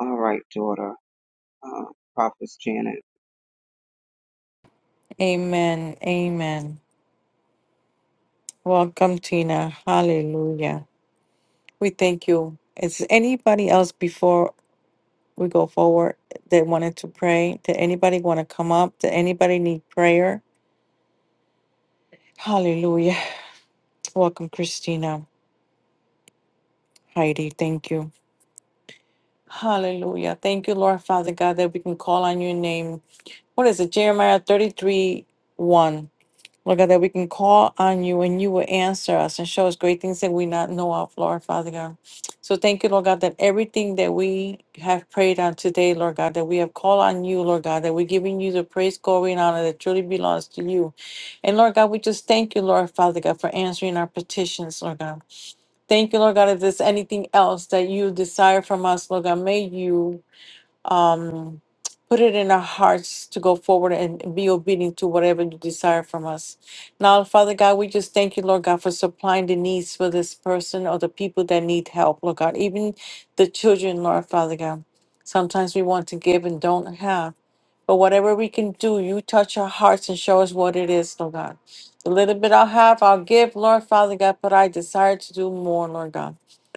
All right, daughter. Uh, Prophetess Janet.
Amen. Amen. Welcome, Tina. Hallelujah. We thank you. Is anybody else before we go forward that wanted to pray? Did anybody want to come up? Did anybody need prayer? Hallelujah. Welcome, Christina. Heidi, thank you. Hallelujah. Thank you, Lord Father God, that we can call on your name. What is it? Jeremiah 33 1. Lord God, that we can call on you and you will answer us and show us great things that we not know of, Lord Father God. So thank you, Lord God, that everything that we have prayed on today, Lord God, that we have called on you, Lord God, that we're giving you the praise, glory, and honor that truly belongs to you. And Lord God, we just thank you, Lord Father God, for answering our petitions, Lord God. Thank you, Lord God, if there's anything else that you desire from us, Lord God, may you um, put it in our hearts to go forward and be obedient to whatever you desire from us. Now, Father God, we just thank you, Lord God, for supplying the needs for this person or the people that need help, Lord God, even the children, Lord Father God. Sometimes we want to give and don't have. But whatever we can do, you touch our hearts and show us what it is, Lord God. The little bit I'll have, I'll give, Lord Father God, but I desire to do more, Lord God.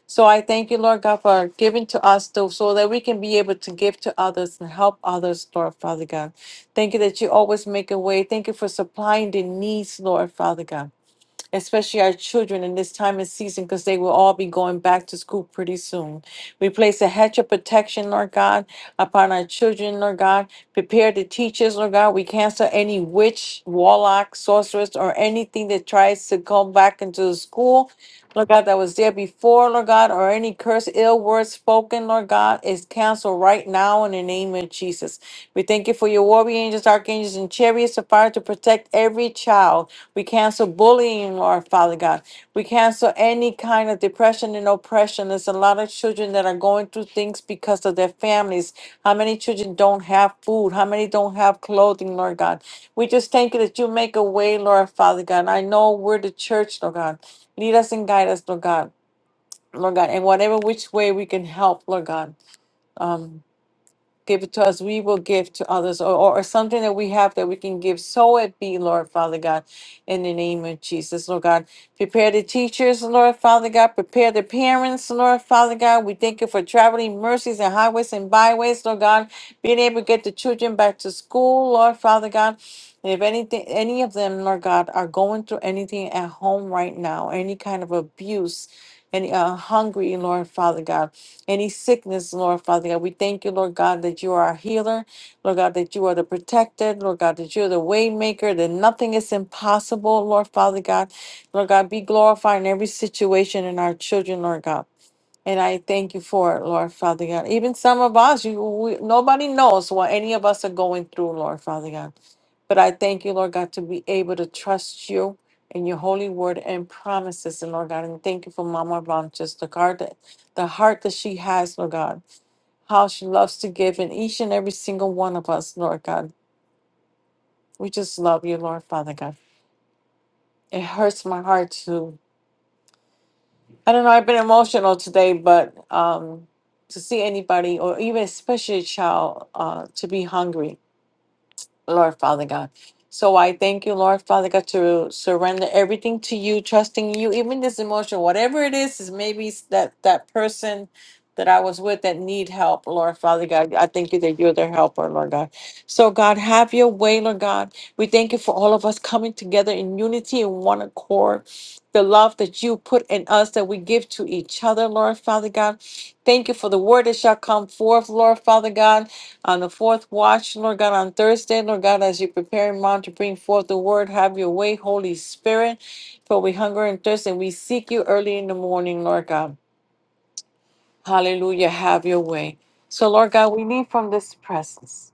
So I thank you, Lord God, for giving to us to, so that we can be able to give to others and help others, Lord Father God. Thank you that you always make a way. Thank you for supplying the needs, Lord Father God especially our children in this time and season, because they will all be going back to school pretty soon. We place a hedge of protection, Lord God, upon our children, Lord God. Prepare the teachers, Lord God. We cancel any witch, warlock, sorceress, or anything that tries to come back into the school Lord God, that was there before, Lord God, or any curse, ill word spoken, Lord God, is canceled right now in the name of Jesus. We thank you for your warrior angels, archangels, and chariots of fire to protect every child. We cancel bullying, Lord Father God. We cancel any kind of depression and oppression. There's a lot of children that are going through things because of their families. How many children don't have food? How many don't have clothing, Lord God? We just thank you that you make a way, Lord Father God. I know we're the church, Lord God. Lead us and guide us, Lord God, Lord God, and whatever which way we can help, Lord God. Um, give it to us, we will give to others, or, or, or something that we have that we can give. So it be, Lord Father God, in the name of Jesus, Lord God. Prepare the teachers, Lord Father God. Prepare the parents, Lord Father God. We thank you for traveling mercies and highways and byways, Lord God. Being able to get the children back to school, Lord Father God. And if anything, any of them, Lord God, are going through anything at home right now, any kind of abuse, any uh, hungry, Lord Father God any sickness, Lord Father God. We thank you, Lord God, that you are our healer, Lord God, that you are the protector. Lord God, that you're the way maker, that nothing is impossible, Lord Father God. Lord God, be glorified in every situation in our children, Lord God. And I thank you for it, Lord Father God. Even some of us, you, we, nobody knows what any of us are going through, Lord Father God. But I thank you, Lord God, to be able to trust you and your holy word and promises, and Lord God, and thank you for Mama Ron, just the heart that the heart that she has, Lord God, how she loves to give in each and every single one of us, Lord God. We just love you, Lord Father God. It hurts my heart to I don't know, I've been emotional today, but um to see anybody or even especially a child uh to be hungry Lord Father God. So I thank you, Lord Father God, to surrender everything to you, trusting you, even this emotion, whatever it is, is maybe it's that that person that I was with that need help, Lord Father God. I thank you that you're their helper, Lord God. So God, have your way, Lord God. We thank you for all of us coming together in unity and one accord. The love that you put in us that we give to each other, Lord Father God. Thank you for the word that shall come forth, Lord Father God on the fourth watch, Lord God, on Thursday, Lord God, as you prepare mom to bring forth the word, have your way, Holy Spirit. For we hunger and thirst and we seek you early in the morning, Lord God. Hallelujah. Have your way. So, Lord God, we need from this presence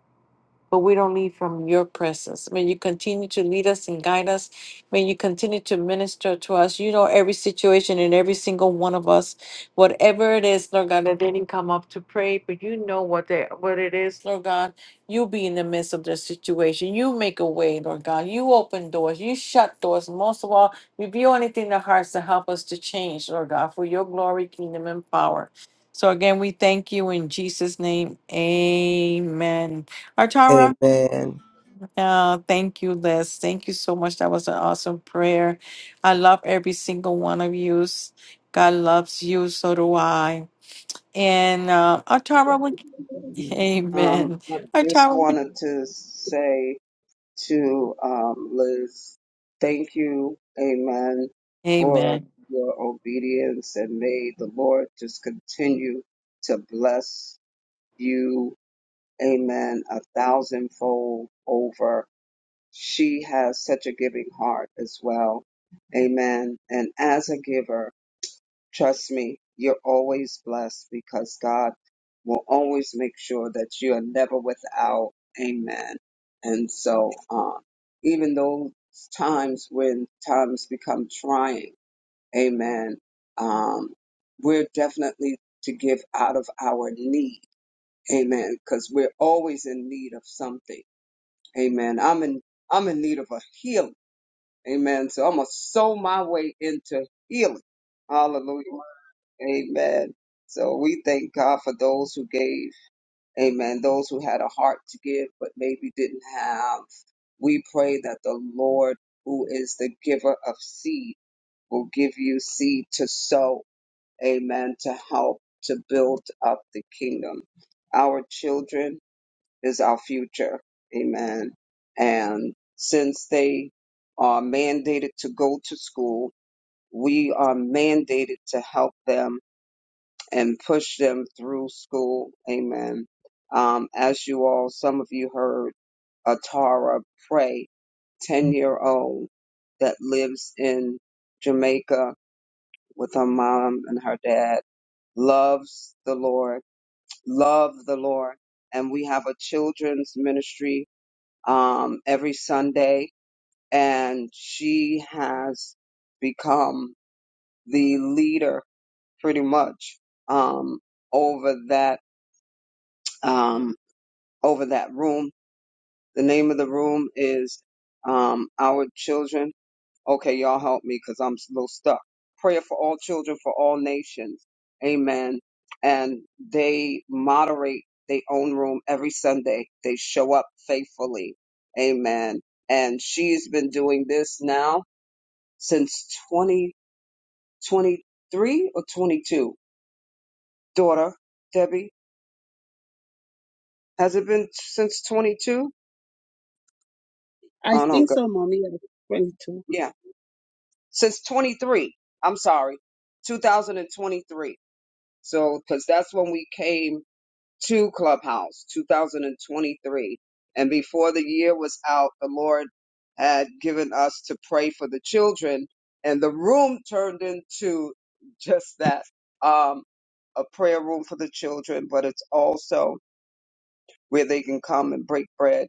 but we don't leave from your presence. May you continue to lead us and guide us. May you continue to minister to us. You know every situation and every single one of us, whatever it is, Lord God, that they didn't come up to pray, but you know what they what it is, Lord God. You be in the midst of their situation. You make a way, Lord God. You open doors. You shut doors. Most of all, reveal anything in the hearts to help us to change, Lord God, for your glory, kingdom, and power. So again, we thank you in Jesus' name. Amen. Artara,
Amen.
uh, thank you, Liz. Thank you so much. That was an awesome prayer. I love every single one of you. God loves you, so do I. And uh, Artara, would,
Um,
amen.
I just
Artara, would,
wanted to say to um, Liz, thank you, amen, for
amen.
your obedience, and may the Lord just continue to bless you, amen, a thousandfold over. she has such a giving heart as well. Amen. And as a giver, trust me, you're always blessed because God will always make sure that you are never without. Amen. And so, um, even those times when times become trying, amen, um, we're definitely to give out of our need. Amen. Because we're always in need of something. Amen. I'm in I'm in need of a healing. Amen. So I'm going to sow my way into healing. Hallelujah. Amen. So we thank God for those who gave. Amen. Those who had a heart to give, but maybe didn't have. We pray that the Lord, who is the giver of seed, will give you seed to sow. Amen. To help to build up the kingdom. Our children is our future. Amen. And since they are mandated to go to school, we are mandated to help them and push them through school. Amen. Um, as you all, some of you heard Atara pray, 10 year old that lives in Jamaica with her mom and her dad, loves the Lord, love the Lord. And we have a children's ministry um, every Sunday, and she has become the leader pretty much um, over that um, over that room. The name of the room is um, Our Children Okay, y'all help me because I'm a little stuck. Prayer for all children, for all nations. Amen. And they moderate their own room every Sunday. They show up faithfully. Amen. And she's been doing this now since 2023 or 22. Daughter, Debbie, has it been since 22?
I
Oh, no,
think
God.
so, Mommy. yeah, 22.
Yeah, since 23. I'm sorry, 2023. So, because that's when we came to Clubhouse 2023. And before the year was out, the Lord had given us to pray for the children, and the room turned into just that um, a prayer room for the children, but it's also where they can come and break bread,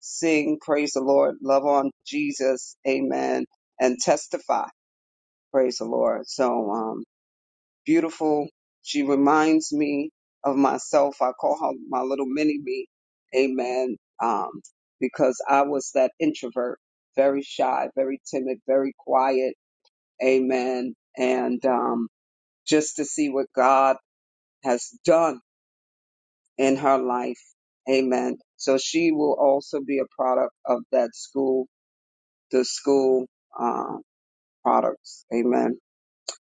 sing, praise the Lord, love on Jesus, amen, and testify, praise the Lord. So, um beautiful. She reminds me of myself. I call her my little mini me. Amen. Um, because I was that introvert, very shy, very timid, very quiet. Amen. And um, just to see what God has done in her life. Amen. So she will also be a product of that school, the school uh, products. Amen.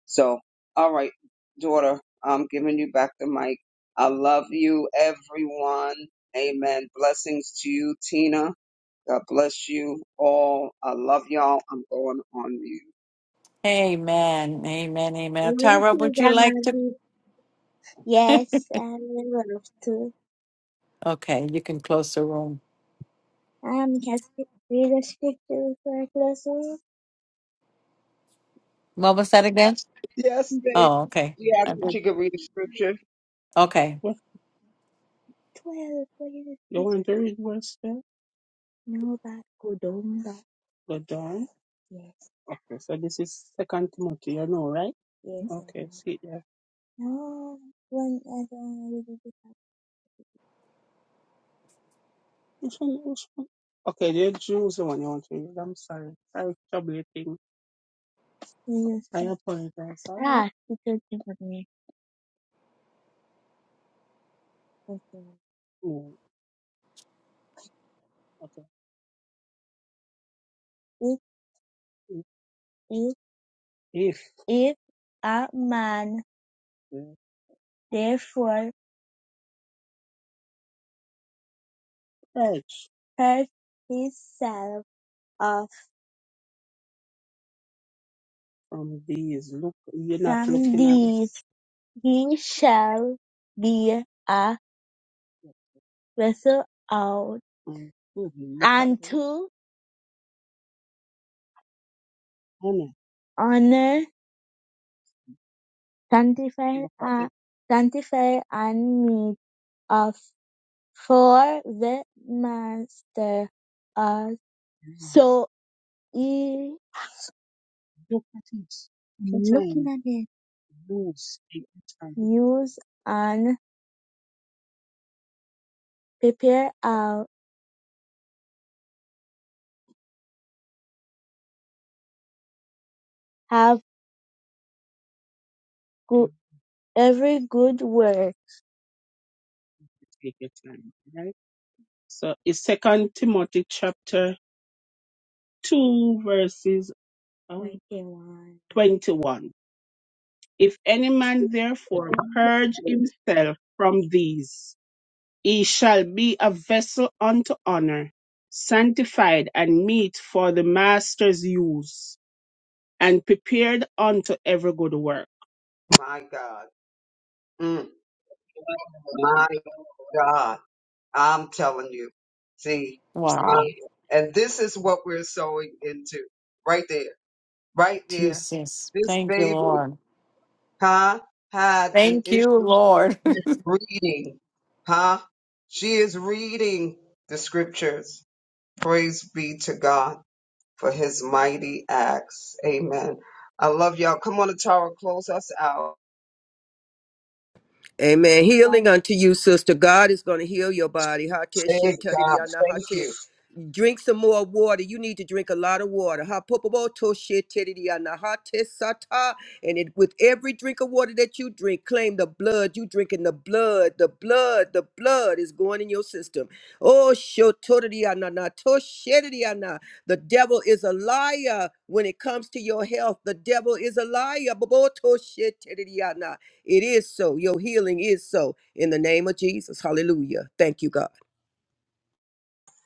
So, all right, daughter, I'm giving you back the mic. I love you, everyone. Amen. Blessings to you, Tina. God bless you all. I love y'all. I'm going on mute.
Amen. Amen. Amen. Artara, would you like to?
Yes, I would love to.
Okay, you can close the room.
Um, can I read a scripture for a lesson?
What was that again?
Yes, baby.
Oh, okay.
You asked
I
if
did-
she could read the scripture.
Okay.
What? Twelve. What is it? You want to read what's there? No, but go down back. Go down. Yes, Okay, so this is Second Timothy, you know, right? yes, I Okay, know. see yeah. No, one. I don't read it. Which one? Which one? Okay, the Jews the one you want to read. I'm sorry. Sorry, troublemaking. Yes, I yes. apologize. All right. Ah, because you can think me. Okay. Okay. It is if if if a man Mm. therefore purge purge himself of from these look you're not from looking at me. these he shall be a vessel out Mm. Mhm. Look at and me. honor honor, sanctify, and, sanctify and meet of for the master of E Look at it. looking Sometimes at it, lose the utterance. use and prepare out have good every good word. take your time, right? So it's Second Timothy chapter two verses uh, Twenty one. twenty-one. If any man therefore purge himself from these, he shall be a vessel unto honor, sanctified and meet for the master's use. and prepared unto every good work.
My God. Mm, my God. I'm telling you. See,
Wow.
see? and this is what we're sowing into right there, right there.
Jesus.
This
Thank you,
baby,
Lord.
huh, had an
Thank you,
issue.
Lord.
is reading, huh? She is reading the scriptures. Praise be to God for his mighty acts. Amen. I love y'all. Come on, Tara, close us out.
Amen. Healing
One
unto you, sister. God is going to heal your body. Hate
Thank God. Thank
shete
you.
Drink some more water. You need to drink a lot of water. Ha popobo toshe tedidiana, ha tesata. And it, with every drink of water that you drink, claim the blood. You drinking the blood. The blood. The blood is going in your system. Oh shotodidiana, na toshedidiana. The devil is a liar when it comes to your health. The devil is a liar. Bobo toshe tedidiana. It is so. Your healing is so. In the name of Jesus. Hallelujah. Thank you, God.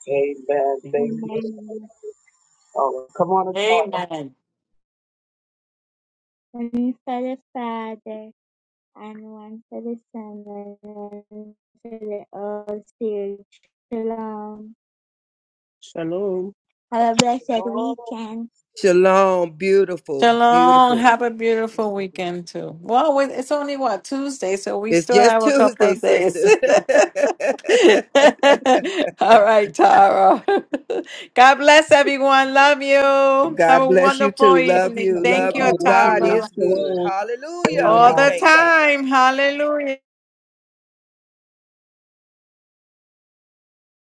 Amen.
to
Thank
Amen.
you.
the
Oh, come on,
Amen.
one for the Father, and one for the Son, and one for the Holy Spirit. Shalom. Shalom. Have a blessed
Tara.
weekend.
Shalom, beautiful,
Shalom.
beautiful.
Have a beautiful weekend too. Well, we- it's only what Tuesday, so we
It's
still
just
have a couple
Tuesday,
of days.
sister.
All right, Tara. God bless everyone. Love you. Have a
God bless you
wonderful
too. Love
evening.
you,
Thank
love
you,
you. God
Tara.
is good. Hallelujah.
All
We
Amen.
the
thank God.
time. Hallelujah.